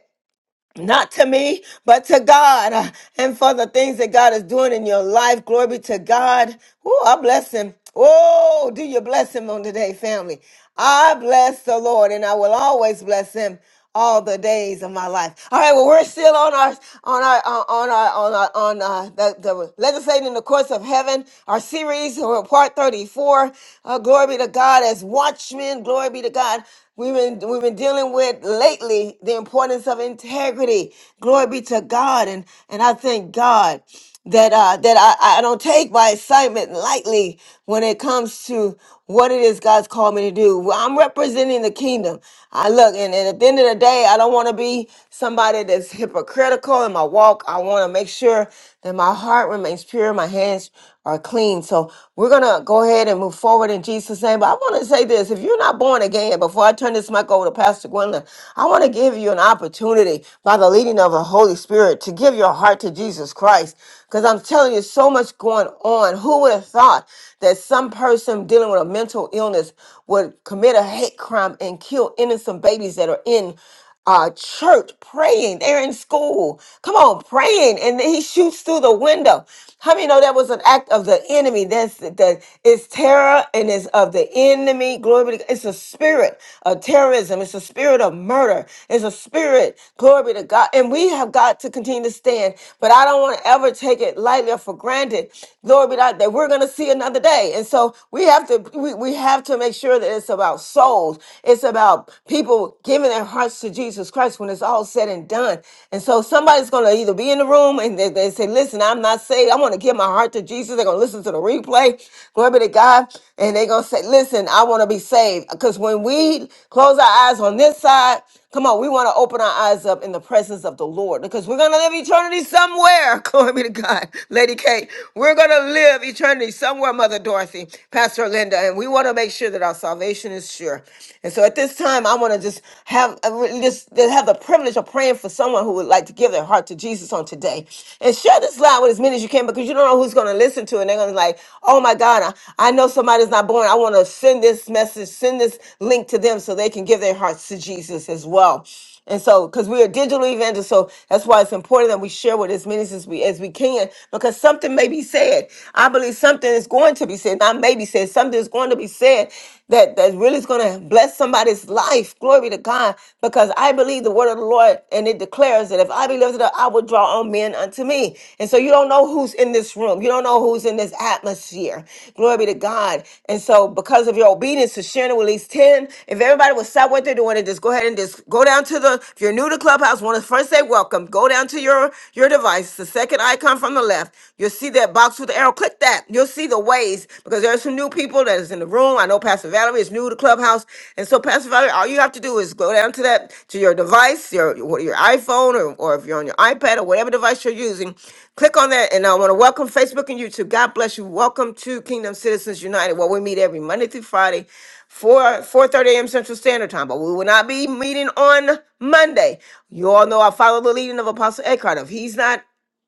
Speaker 1: not to me, but to God uh, and for the things that God is doing in your life. Glory be to God. Oh, I bless him. Oh, do you bless him on today, family? I bless the Lord and I will always bless him all the days of my life. All right, well, we're still on our on our uh, on our on our on uh the, the legislating in the courts of heaven, our series, or part 34. Uh, glory be to God as watchmen, glory be to God. We been we've been dealing with lately, the importance of integrity. Glory be to God, and and I thank God that uh that I, I don't take my excitement lightly when it comes to what it is God's called me to do. Well, I'm representing the kingdom. I look and, and at the end of the day, I don't want to be somebody that's hypocritical in my walk. I want to make sure that my heart remains pure, my hands are clean. So we're gonna go ahead and move forward in Jesus' name. But I want to say this: if you're not born again, before I turn this mic over to Pastor Gwendolyn, I want to give you an opportunity by the leading of the Holy Spirit to give your heart to Jesus Christ. Because I'm telling you, so much going on. Who would have thought that some person dealing with a mental illness would commit a hate crime and kill innocent babies that are in? uh, church praying. They're in school. Come on, praying. And then he shoots through the window. How many know that was an act of the enemy? That's that it's terror and it's of the enemy. Glory be to God. It's a spirit of terrorism. It's a spirit of murder. It's a spirit. Glory be to God. And we have got to continue to stand. But I don't want to ever take it lightly or for granted. Glory be to God that we're gonna see another day. And so we have to we, we have to make sure that it's about souls. It's it's about people giving their hearts to Jesus Christ when it's all said and done. And so somebody's going to either be in the room and they, they say, Listen, I'm not saved. I want to give my heart to Jesus. They're going to listen to the replay. Glory be to God. And they're going to say, Listen, I want to be saved. Because when we close our eyes on this side, Come on, we want to open our eyes up in the presence of the Lord because we're going to live eternity somewhere. Glory be to God. Lady Kate, we're going to live eternity somewhere, Mother Dorothy, Pastor Linda, and we want to make sure that our salvation is sure. And so at this time, I want to just have I would just to have the privilege of praying for someone who would like to give their heart to Jesus on today. And share this live with as many as you can because you don't know who's going to listen to it. And they're going to be like, oh my my God, I I know somebody's not born. I want to send this message, send this link to them so they can give their hearts to Jesus as well. And so, because we are digital evangelists, so that's why it's important that we share with as many as we as we can, because something may be said. I believe something is going to be said. Not maybe said, something is going to be said that that really is going to bless somebody's life. Glory to God, because I believe the word of the Lord, and it declares that if I be lifted up, I will draw all men unto me. And so you don't know who's in this room. You don't know who's in this atmosphere. Glory to God. And so because of your obedience to sharing with at least ten, if everybody will stop what they're doing and just go ahead and just go down to the. If you're new to Clubhouse, want to first say welcome. Go down to your your device, the second icon from the left. You'll see that box with the arrow. Click that that. You'll see the ways because there's some new people that is in the room. I know Pastor Valerie is new to Clubhouse. And so, Pastor Valerie, all you have to do is go down to that, to your device, your, your iPhone, or, or if you're on your iPad or whatever device you're using, click on that. And I want to welcome Facebook and YouTube. God bless you. Welcome to Kingdom Citizens United, where we meet every Monday through Friday. 4 four thirty a.m. Central Standard Time, but we will not be meeting on Monday. You all know I follow the leading of Apostle Eckhart. If he's not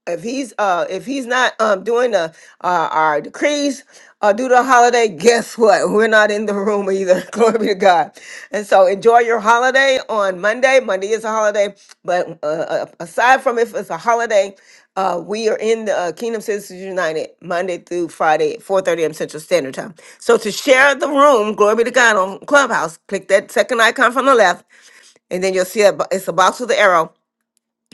Speaker 1: if he's uh if he's not um doing the uh our decrees uh due to the holiday guess what we're not in the room either glory be to god and so enjoy your holiday on monday monday is a holiday but uh, uh, aside from if it's a holiday uh we are in the uh, kingdom citizens united monday through friday at 4 am central standard time so to share the room glory be to god on clubhouse click that second icon from the left and then you'll see a, bo- it's a box with the arrow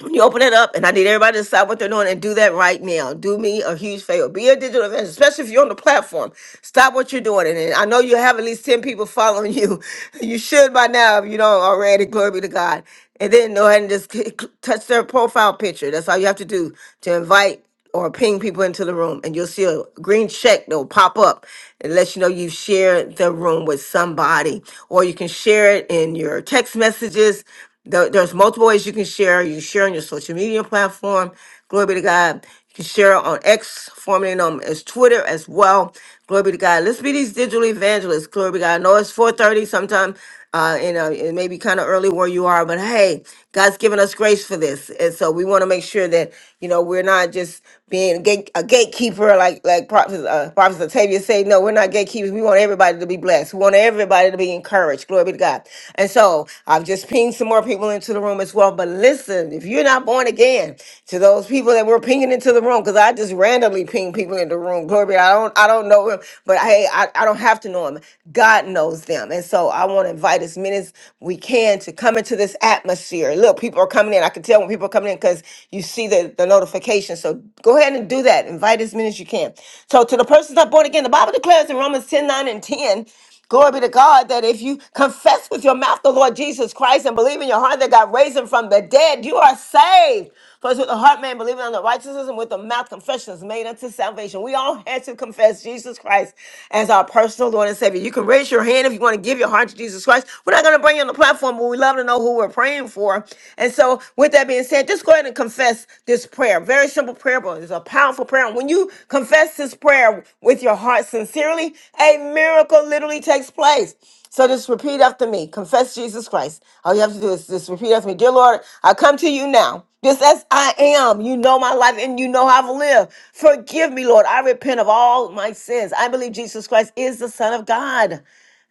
Speaker 1: when you open it up, and I need everybody to decide what they're doing and do that right now. Do me a huge favor. Be a digital evangelist, especially if you're on the platform. Stop what you're doing. And I know you have at least 10 people following you. You should by now if you don't already. Glory be to God. And then go ahead and just c- c- touch their profile picture. That's all you have to do to invite or ping people into the room. And you'll see a green check that will pop up. It lets you know you've shared the room with somebody. Or you can share it in your text messages there- There's multiple ways you can share. You share on your social media platform. Glory be to God. You can share on X, formerly known as Twitter as well. Glory be to God. Let's be these digital evangelists. Glory be to God. I know it's 4.30 sometime. Uh, and uh, it may be kind of early where you are, but hey, God's given us grace for this, and so we want to make sure that you know we're not just being a, gate, a gatekeeper, like like Prophet uh, Prophet Octavia said. No, we're not gatekeepers. We want everybody everybody to be blessed. We want everybody to be encouraged. Glory be to God. And so I've just pinged some more people into the room as well. But listen, if you're not born again, to those people that were pinging into the room, because I just randomly ping people in the room. Glory be. to God. I don't I don't know him, but hey, I, I don't have to know him. God knows them. And so I want to invite as many as we can to come into this atmosphere. Look, people are coming in. I can tell when people are coming in because you see the, the notification. So go ahead and and do that. Invite as many as you can. So to the persons not born again, the Bible declares in Romans 10 9 and 10, glory be to God, that if you confess with your mouth the Lord Jesus Christ and believe in your heart that God raised him from the dead, you are saved. For it's with the heart man believing on the righteousness and with the mouth confession is made unto salvation. We all had to confess Jesus Christ as our personal Lord and Savior. You can raise your hand if you want to give your heart to Jesus Christ. We're not going to bring you on the platform, but we love to know who we're praying for for. And so, with that being said, just go ahead and confess this prayer. Very simple prayer, but it's a powerful prayer. And when you confess this prayer with your heart sincerely, a miracle literally takes place. So just repeat after me. Confess Jesus Christ. All you have to do is just repeat after me. Dear Lord, I come to you now. Just as I am, you know my life and you know how I've lived. Forgive me, Lord. I repent of all my sins. I believe Jesus Christ is the Son of God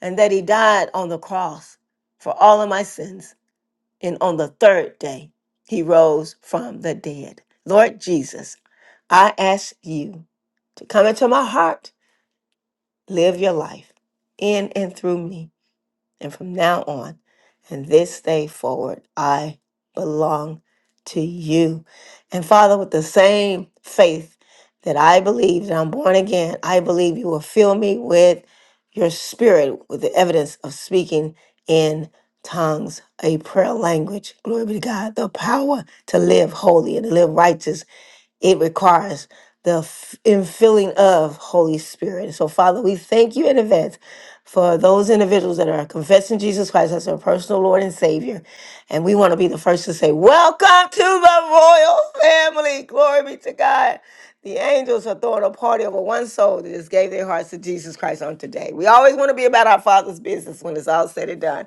Speaker 1: and that he died on the cross for all of my sins. And on the third day, he rose from the dead. Lord Jesus, I ask you to come into my heart, live your life in and through me. And from now on and this day forward, I belong to you. And Father, with the same faith that I believe that I'm born again, I believe you will fill me with your spirit, with the evidence of speaking in tongues, a prayer language. Glory be to God. The power to live holy and to live righteous it requires the f- infilling of Holy Spirit. So, Father, we thank you in advance for those individuals that are confessing Jesus Christ as their personal Lord and Savior. And we want to be the first to say, Welcome to the royal family. Glory be to God. The angels are throwing a party over one soul that just gave their hearts to Jesus Christ on today. We always want to be about our Father's business when it's all said and done.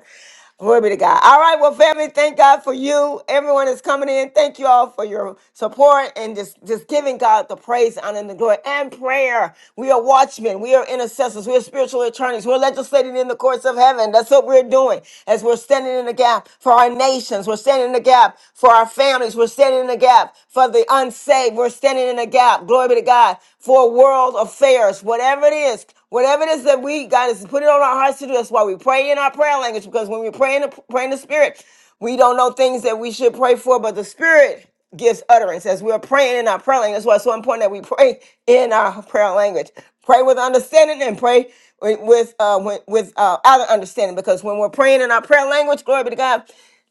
Speaker 1: Glory be to God. All right, well, family, thank God for you. Everyone is coming in. Thank you all for your support and just, just giving God the praise, honor, and the glory and prayer. We are watchmen. We are intercessors. We are spiritual attorneys. We're legislating in the courts of heaven. That's what we're doing as we're standing in the gap for our nations. We're standing in the gap for our families. We're standing in the gap for the unsaved. We're standing in the gap. Glory be to God for world affairs, whatever it is. Whatever it is that we, God has put it on our hearts to do, that's why we pray in our prayer language, because when we pray in the, pray in the Spirit, we don't know things that we should pray for, but the Spirit gives utterance as we're praying in our prayer language. That's why it's so important that we pray in our prayer language. Pray with understanding and pray with with, uh, with, with uh, other understanding, because when we're praying in our prayer language, glory be to God,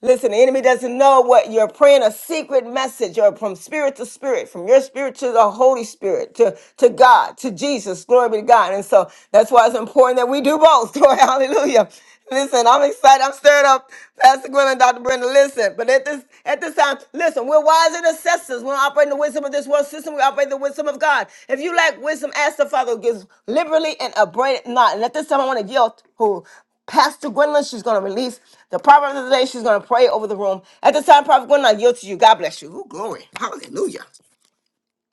Speaker 1: Listen, the enemy doesn't know what you're praying a secret message or from spirit to spirit, from your spirit to the Holy Spirit, to, to God, to Jesus. Glory be to God. And so that's why it's important that we do both. Glory, hallelujah. Listen, I'm excited. I'm stirred up. Pastor Gwen and Dr. Brenda, listen. But at this at this time, listen, we're wise intercessors. We're operating the wisdom of this world system. We operate in the wisdom of God. If you lack wisdom, ask the Father who gives liberally and abundant not. And at this time, I want to yield who. Pastor Gwendolyn, she's going to release the proverb of the day. She's going to pray over the room. At this time, Prophet Gwendolyn, I yield to you. God bless you. Ooh, glory.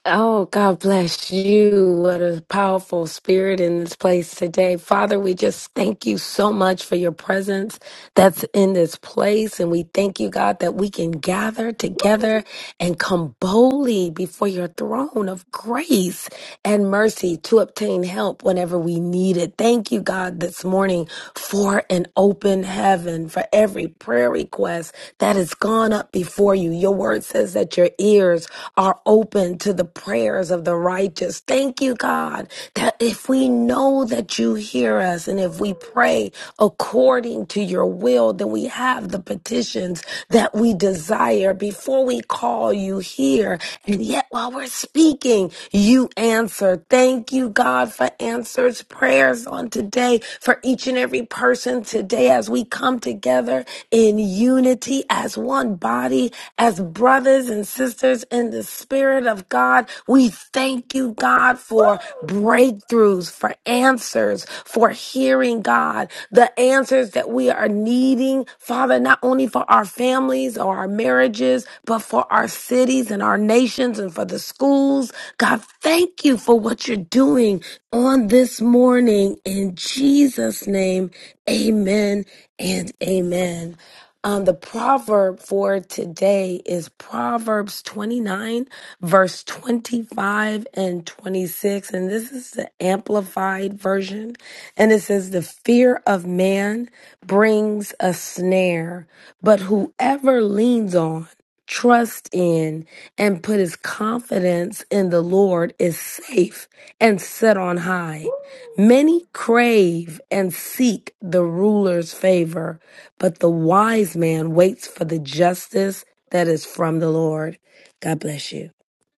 Speaker 14: Oh, God bless you. What a powerful spirit in this place today. Father, we just thank you so much for your presence that's in this place. And we thank you, God, that we can gather together and come boldly before your throne of grace and mercy to obtain help whenever we need it. Thank you, God, this morning for an open heaven, for every prayer request that has gone up before you. Your word says that your ears are open to the prayers of the righteous. Thank you, God, that if we we know that you hear us. And if we pray according to your will, then we have the petitions that we desire before we call you here. And yet while we're speaking, you answer. Thank you, God, for answers prayers on today for each and every person today as we come together in unity as one body, as brothers and sisters in the Spirit of God. We thank you, God, for breakthroughs, for answers, for hearing, God, the answers that we are needing, Father, not only for our families or our marriages, but for our cities and our nations and for the schools. God, thank you for what you're doing on this morning. In Jesus' name, amen and amen. Um, the proverb for today is Proverbs 29, verse 25 and 26. And this is the amplified version. And it says, The fear of man brings a snare, but whoever leans on, trusts in, and put his confidence in the Lord is safe and set on high. Many crave and seek the ruler's favor but the wise man waits for the justice that is from the Lord. God bless you.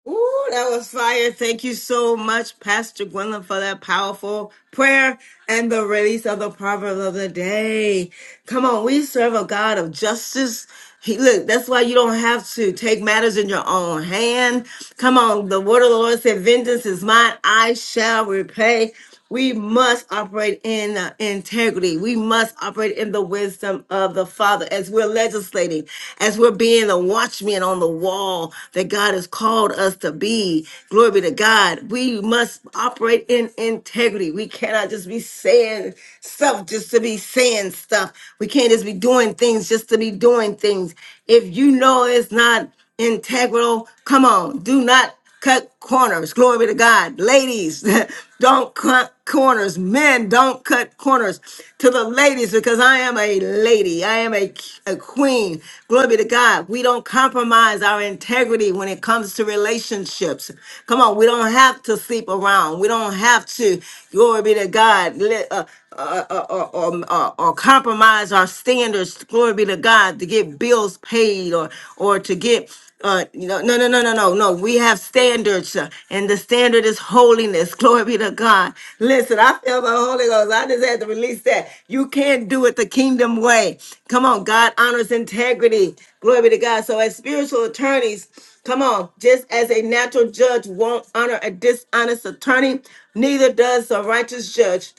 Speaker 1: Ooh, that was fire. Thank you so much, Pastor Gwendolyn, for that powerful prayer and the release of the proverb of the day. Come on, we serve a God of justice. He, look, that's why you don't have to take matters in your own hand. Come on, the word of the Lord said, Vengeance is mine, I shall repay. We must operate in uh, integrity. We must operate in the wisdom of the Father as we're legislating, as we're being the watchmen on the wall that God has called us to be. Glory be to God. We must operate in integrity. We cannot just be saying stuff just to be saying stuff. We can't just be doing things just to be doing things. If you know it's not integral, come on, do not cut corners. Glory be to God. Ladies, don't cut corners. Men, don't cut corners. To the ladies, because I am a lady, I am a, a queen. Glory be to God. We don't compromise our integrity when it comes to relationships. Come on, we don't have to sleep around. We don't have to, glory be to God, let, uh, uh, uh, or, or, or, uh, or compromise our standards, glory be to God, to get bills paid or or to get uh you know, no no no no no no we have standards uh, and the standard is holiness glory be to god listen i feel the holy ghost i just had to release that you can't do it the kingdom way come on god honors integrity glory be to god so as spiritual attorneys come on just as a natural judge won't honor a dishonest attorney neither does a righteous judge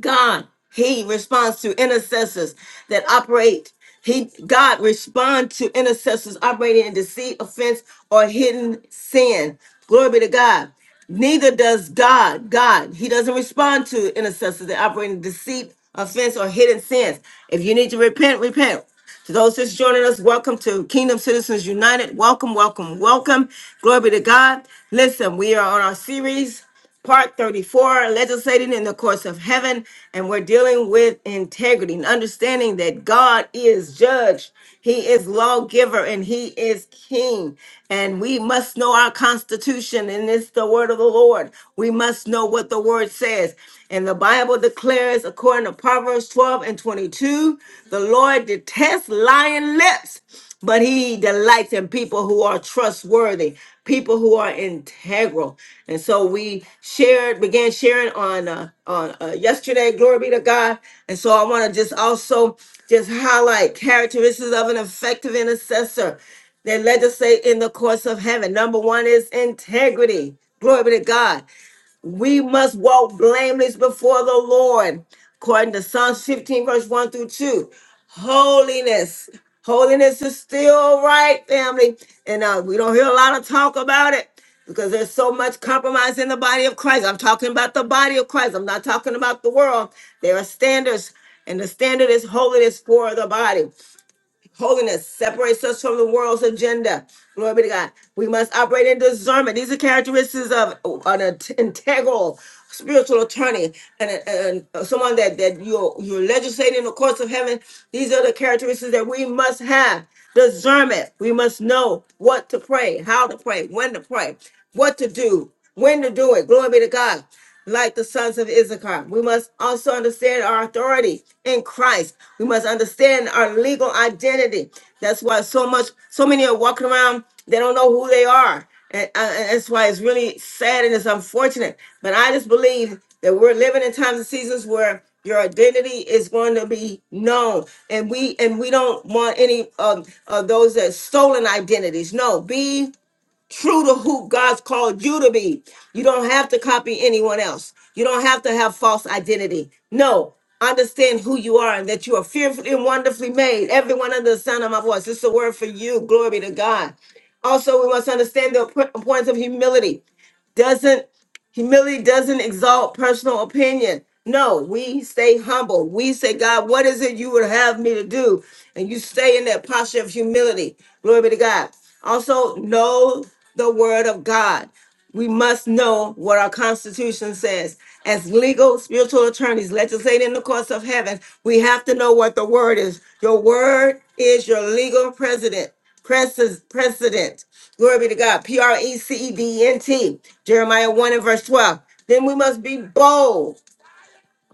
Speaker 1: God, He responds to intercessors that operate. He God respond to intercessors operating in deceit, offense, or hidden sin. Glory be to God. Neither does God. God, He doesn't respond to intercessors that operate in deceit, offense, or hidden sins. If you need to repent, repent. To those just joining us, welcome to Kingdom Citizens United. Welcome, welcome, welcome. Glory be to God. Listen, we are on our series. Part 34, legislating in the courts of heaven. And we're dealing with integrity and understanding that God is judge, He is lawgiver, and He is king. And we must know our constitution, and it's the word of the Lord. We must know what the word says. And the Bible declares, according to Proverbs 12 and 22, the Lord detests lying lips but he delights in people who are trustworthy, people who are integral. And so we shared, began sharing on uh, on uh, yesterday. Glory be to God. And so I want to just also just highlight characteristics of an effective intercessor that legislate in the course of heaven. Number one is integrity. Glory be to God. We must walk blameless before the Lord, according to Psalms 15, verse 1 through 2. Holiness. Holiness is still right, family. And uh, we don't hear a lot of talk about it because there's so much compromise in the body of Christ. I'm talking about the body of Christ, I'm not talking about the world. There are standards, and the standard is holiness for the body. Holiness separates us from the world's agenda. Glory be to God. We must operate in discernment. These are characteristics of an int- integral spiritual attorney and, and uh, someone that, that you're, you're legislating in the courts of heaven. These are the characteristics that we must have. Discernment. We must know what to pray, how to pray, when to pray, what to do, when to do it. Glory be to God like the sons of Issachar. We must also understand our authority in Christ. We must understand our legal identity. That's why so much, so many are walking around, they don't know who they are. And, uh, and that's why it's really sad and it's unfortunate. But I just believe that we're living in times and seasons where your identity is going to be known and we and we don't want any of, of those that stolen identities no be true to who God's called you to be. You don't have to copy anyone else. You don't have to have false identity. No, understand who you are and that you are fearfully and wonderfully made. Everyone under the sound of my voice. This is a word for you. Glory be to God. Also, we must understand the importance of humility. Doesn't Humility doesn't exalt personal opinion. No, we stay humble. We say, God, what is it you would have me to do? And you stay in that posture of humility. Glory be to God. Also, know the word of God we must know what our Constitution says. As legal spiritual attorneys legislating in the courts of heaven, we have to know what the word is. Your word is your legal precedent. Preces- Precedent. Glory be to God. P R E C E D E N T. Jeremiah 1 and verse 12. Then we must be bold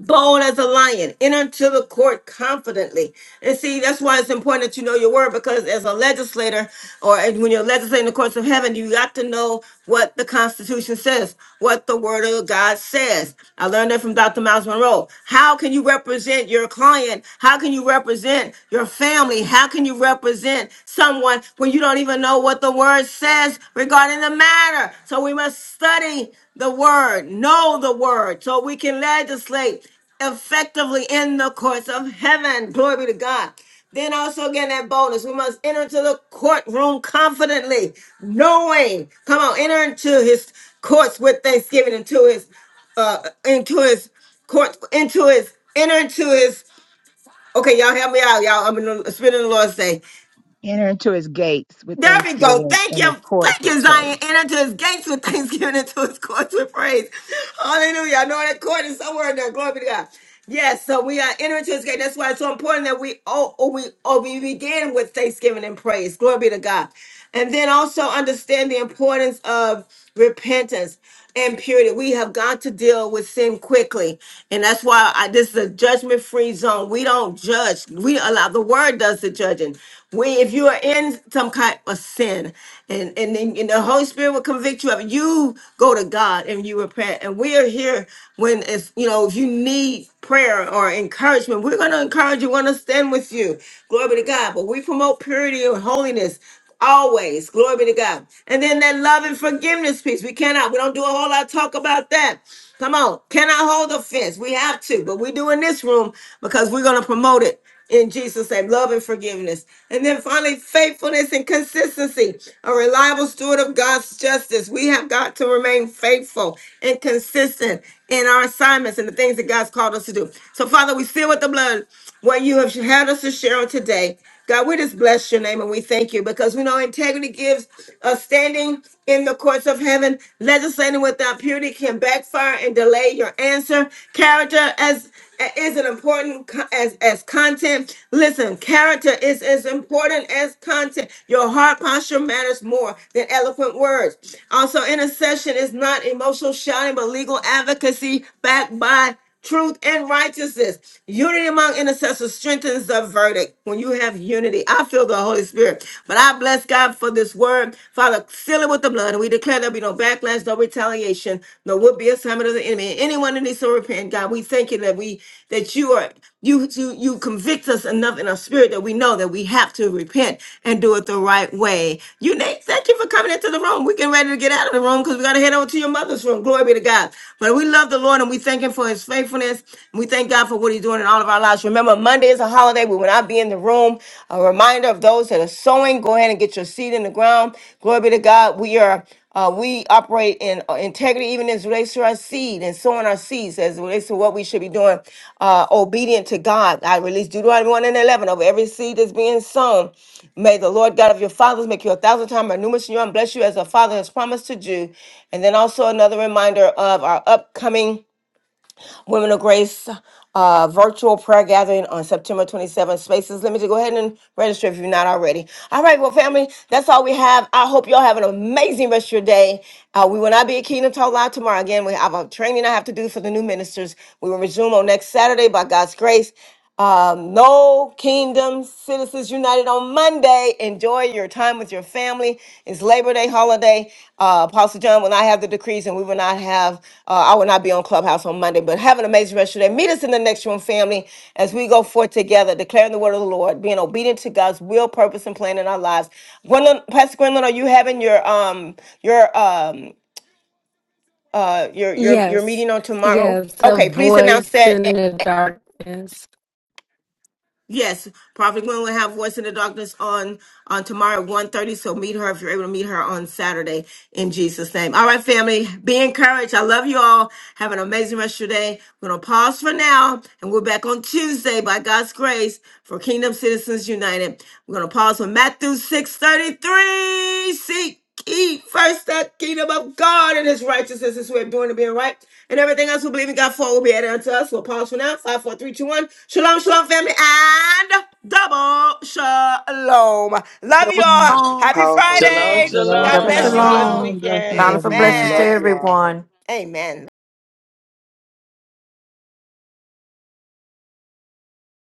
Speaker 1: bold as a lion enter into the court confidently and see that's why it's important that you know your word because as a legislator or as- when you're legislating the courts of heaven you got to know what the constitution says what the word of god says i learned that from dr miles monroe how can you represent your client how can you represent your family how can you represent someone when you don't even know what the word says regarding the matter so we must study the word, know the word, so we can legislate effectively in the courts of heaven. Glory be to God. Then also get that bonus. We must enter into the courtroom confidently, knowing. Come on, enter into his courts with thanksgiving, into his uh into his court, into his enter into his okay, y'all help me out, y'all. I'm in the spirit of the Lord say.
Speaker 5: Enter into his gates with
Speaker 1: There we go.
Speaker 5: thanksgiving
Speaker 1: Thank
Speaker 5: and his
Speaker 1: you. Thank
Speaker 5: courts with
Speaker 1: you, Zion.
Speaker 5: praise.
Speaker 1: Enter into his gates with thanksgiving, and into his courts with praise. Hallelujah. I know that court is somewhere in there. Glory be to God. Yes, so we are entering into his gate. That's why it's so important that we oh, oh we oh we begin with thanksgiving and praise. Glory be to God. And then also understand the importance of repentance and purity. We have got to deal with sin quickly. And that's why I, this is a judgment free zone. We don't judge. We allow the word does the judging. We, if you are in some kind of sin and, and, then- and the Holy Spirit will convict you of it, you go to God and you repent. And we are here when it's, you know, if you need prayer or encouragement, we're going to encourage you, want to stand with you. Glory be to God. But we promote purity and holiness. Always. Glory be to God. And then that love and forgiveness piece. We cannot, we don't do a whole lot of talk about that. Come on. Cannot hold offense. We have to, but we do in this room because we're going to promote it in Jesus' name, love and forgiveness. And then finally, faithfulness and consistency. A reliable steward of God's justice. We have got to remain faithful and consistent in our assignments and the things that God's called us to do. So, Father, we seal with the blood what you have had us to share on today. God, we just bless your name and we thank you because we know integrity gives a standing in the courts of heaven. Legislating without purity can backfire and delay your answer. Character as is an important co- as as content. Listen, character is as important as content. Your heart posture matters more than eloquent words. Also, intercession is not emotional shouting, but legal advocacy backed by truth, and righteousness. Unity among intercessors strengthens the verdict. When you have unity, I feel the Holy Spirit. But I bless God for this word. Father, seal it with the blood. And We declare there'll be no backlash, no retaliation, no would be assignment of the enemy. And Anyone that needs to repent, God, we thank you that we that you are you you you convict us enough in our spirit that we know that we have to repent and do it the right way. You Nate, thank you for coming into the room. We getting ready to get out of the room because we gotta head over to your mother's room. Glory be to God. But we love the Lord and we thank him for his faithfulness. We thank God for what he's doing in all of our lives. Remember, Monday is a holiday. We will not be in the room. A reminder of those that are sowing, go ahead and get your seed in the ground. Glory be to God. We are uh, we operate in uh, integrity, even as it relates to our seed and sowing our seeds, as it relates to what we should be doing, uh, obedient to God. I release Deuteronomy 1 and 11 over every seed that's being sown. May the Lord God of your fathers make you a thousand times more numerous than you are and bless you as a father has promised to do. And then also another reminder of our upcoming Women of Grace uh, virtual prayer gathering on September 27th. Spaces limited. Go ahead and register if you're not already. All right, well, family, that's all we have. I hope y'all have an amazing rest of your day. Uh, we will not be at Kingdom Talk Live tomorrow. Again, we have a training I have to do for the new ministers. We will resume on next Saturday by God's grace. Um, no Kingdom Citizens United on Monday. Enjoy your time with your family. It's Labor Day holiday. Uh, Apostle John will not have the decrees, and we will not have. Uh, I will not be on Clubhouse on Monday. But have an amazing rest of your day. Meet us in the next room, family, as we go forth together, declaring the word of the Lord, being obedient to God's will, purpose, and plan in our lives. Gwendolyn, Pastor Gwendolyn, are you having your um your um uh your your your
Speaker 14: Yes,
Speaker 1: meeting on tomorrow?
Speaker 14: yes, a
Speaker 1: Okay, please announce
Speaker 14: voice
Speaker 1: that.
Speaker 14: in the darkness.
Speaker 1: Yes, Prophet Gwen will have Voice in the Darkness on on tomorrow at one thirty. so meet her if you're able to meet her on Saturday in Jesus' name. All right, family, be encouraged. I love you all. Have an amazing rest of your day. We're going to pause for now, and we're back on Tuesday by God's grace for Kingdom Citizens United. We're going to pause for Matthew 6.33. Seek. Eat first the kingdom of God and his righteousness is way of doing to being right. And everything else we believe in God for will be added unto us. We'll pause for now. Five, four, three, two, one. Shalom, shalom, family, and double shalom. Love you
Speaker 3: Those
Speaker 15: Yeah.
Speaker 1: all.
Speaker 3: songs.
Speaker 1: Happy
Speaker 11: Powerful
Speaker 8: Shalom,
Speaker 11: room.
Speaker 1: Friday.
Speaker 5: Shalom,
Speaker 1: God
Speaker 11: Shalom,
Speaker 7: Double
Speaker 8: shalom.
Speaker 1: bless
Speaker 8: Have
Speaker 1: you
Speaker 8: a
Speaker 5: shalom.
Speaker 8: blessed
Speaker 5: Peace
Speaker 11: shalom.
Speaker 1: all.
Speaker 5: and
Speaker 7: shalom.
Speaker 8: weekend.
Speaker 5: blessings,
Speaker 7: Bountiful
Speaker 5: everyone.
Speaker 7: blessings to
Speaker 11: Love
Speaker 1: Amen.
Speaker 11: you all.
Speaker 7: everyone.
Speaker 1: Amen.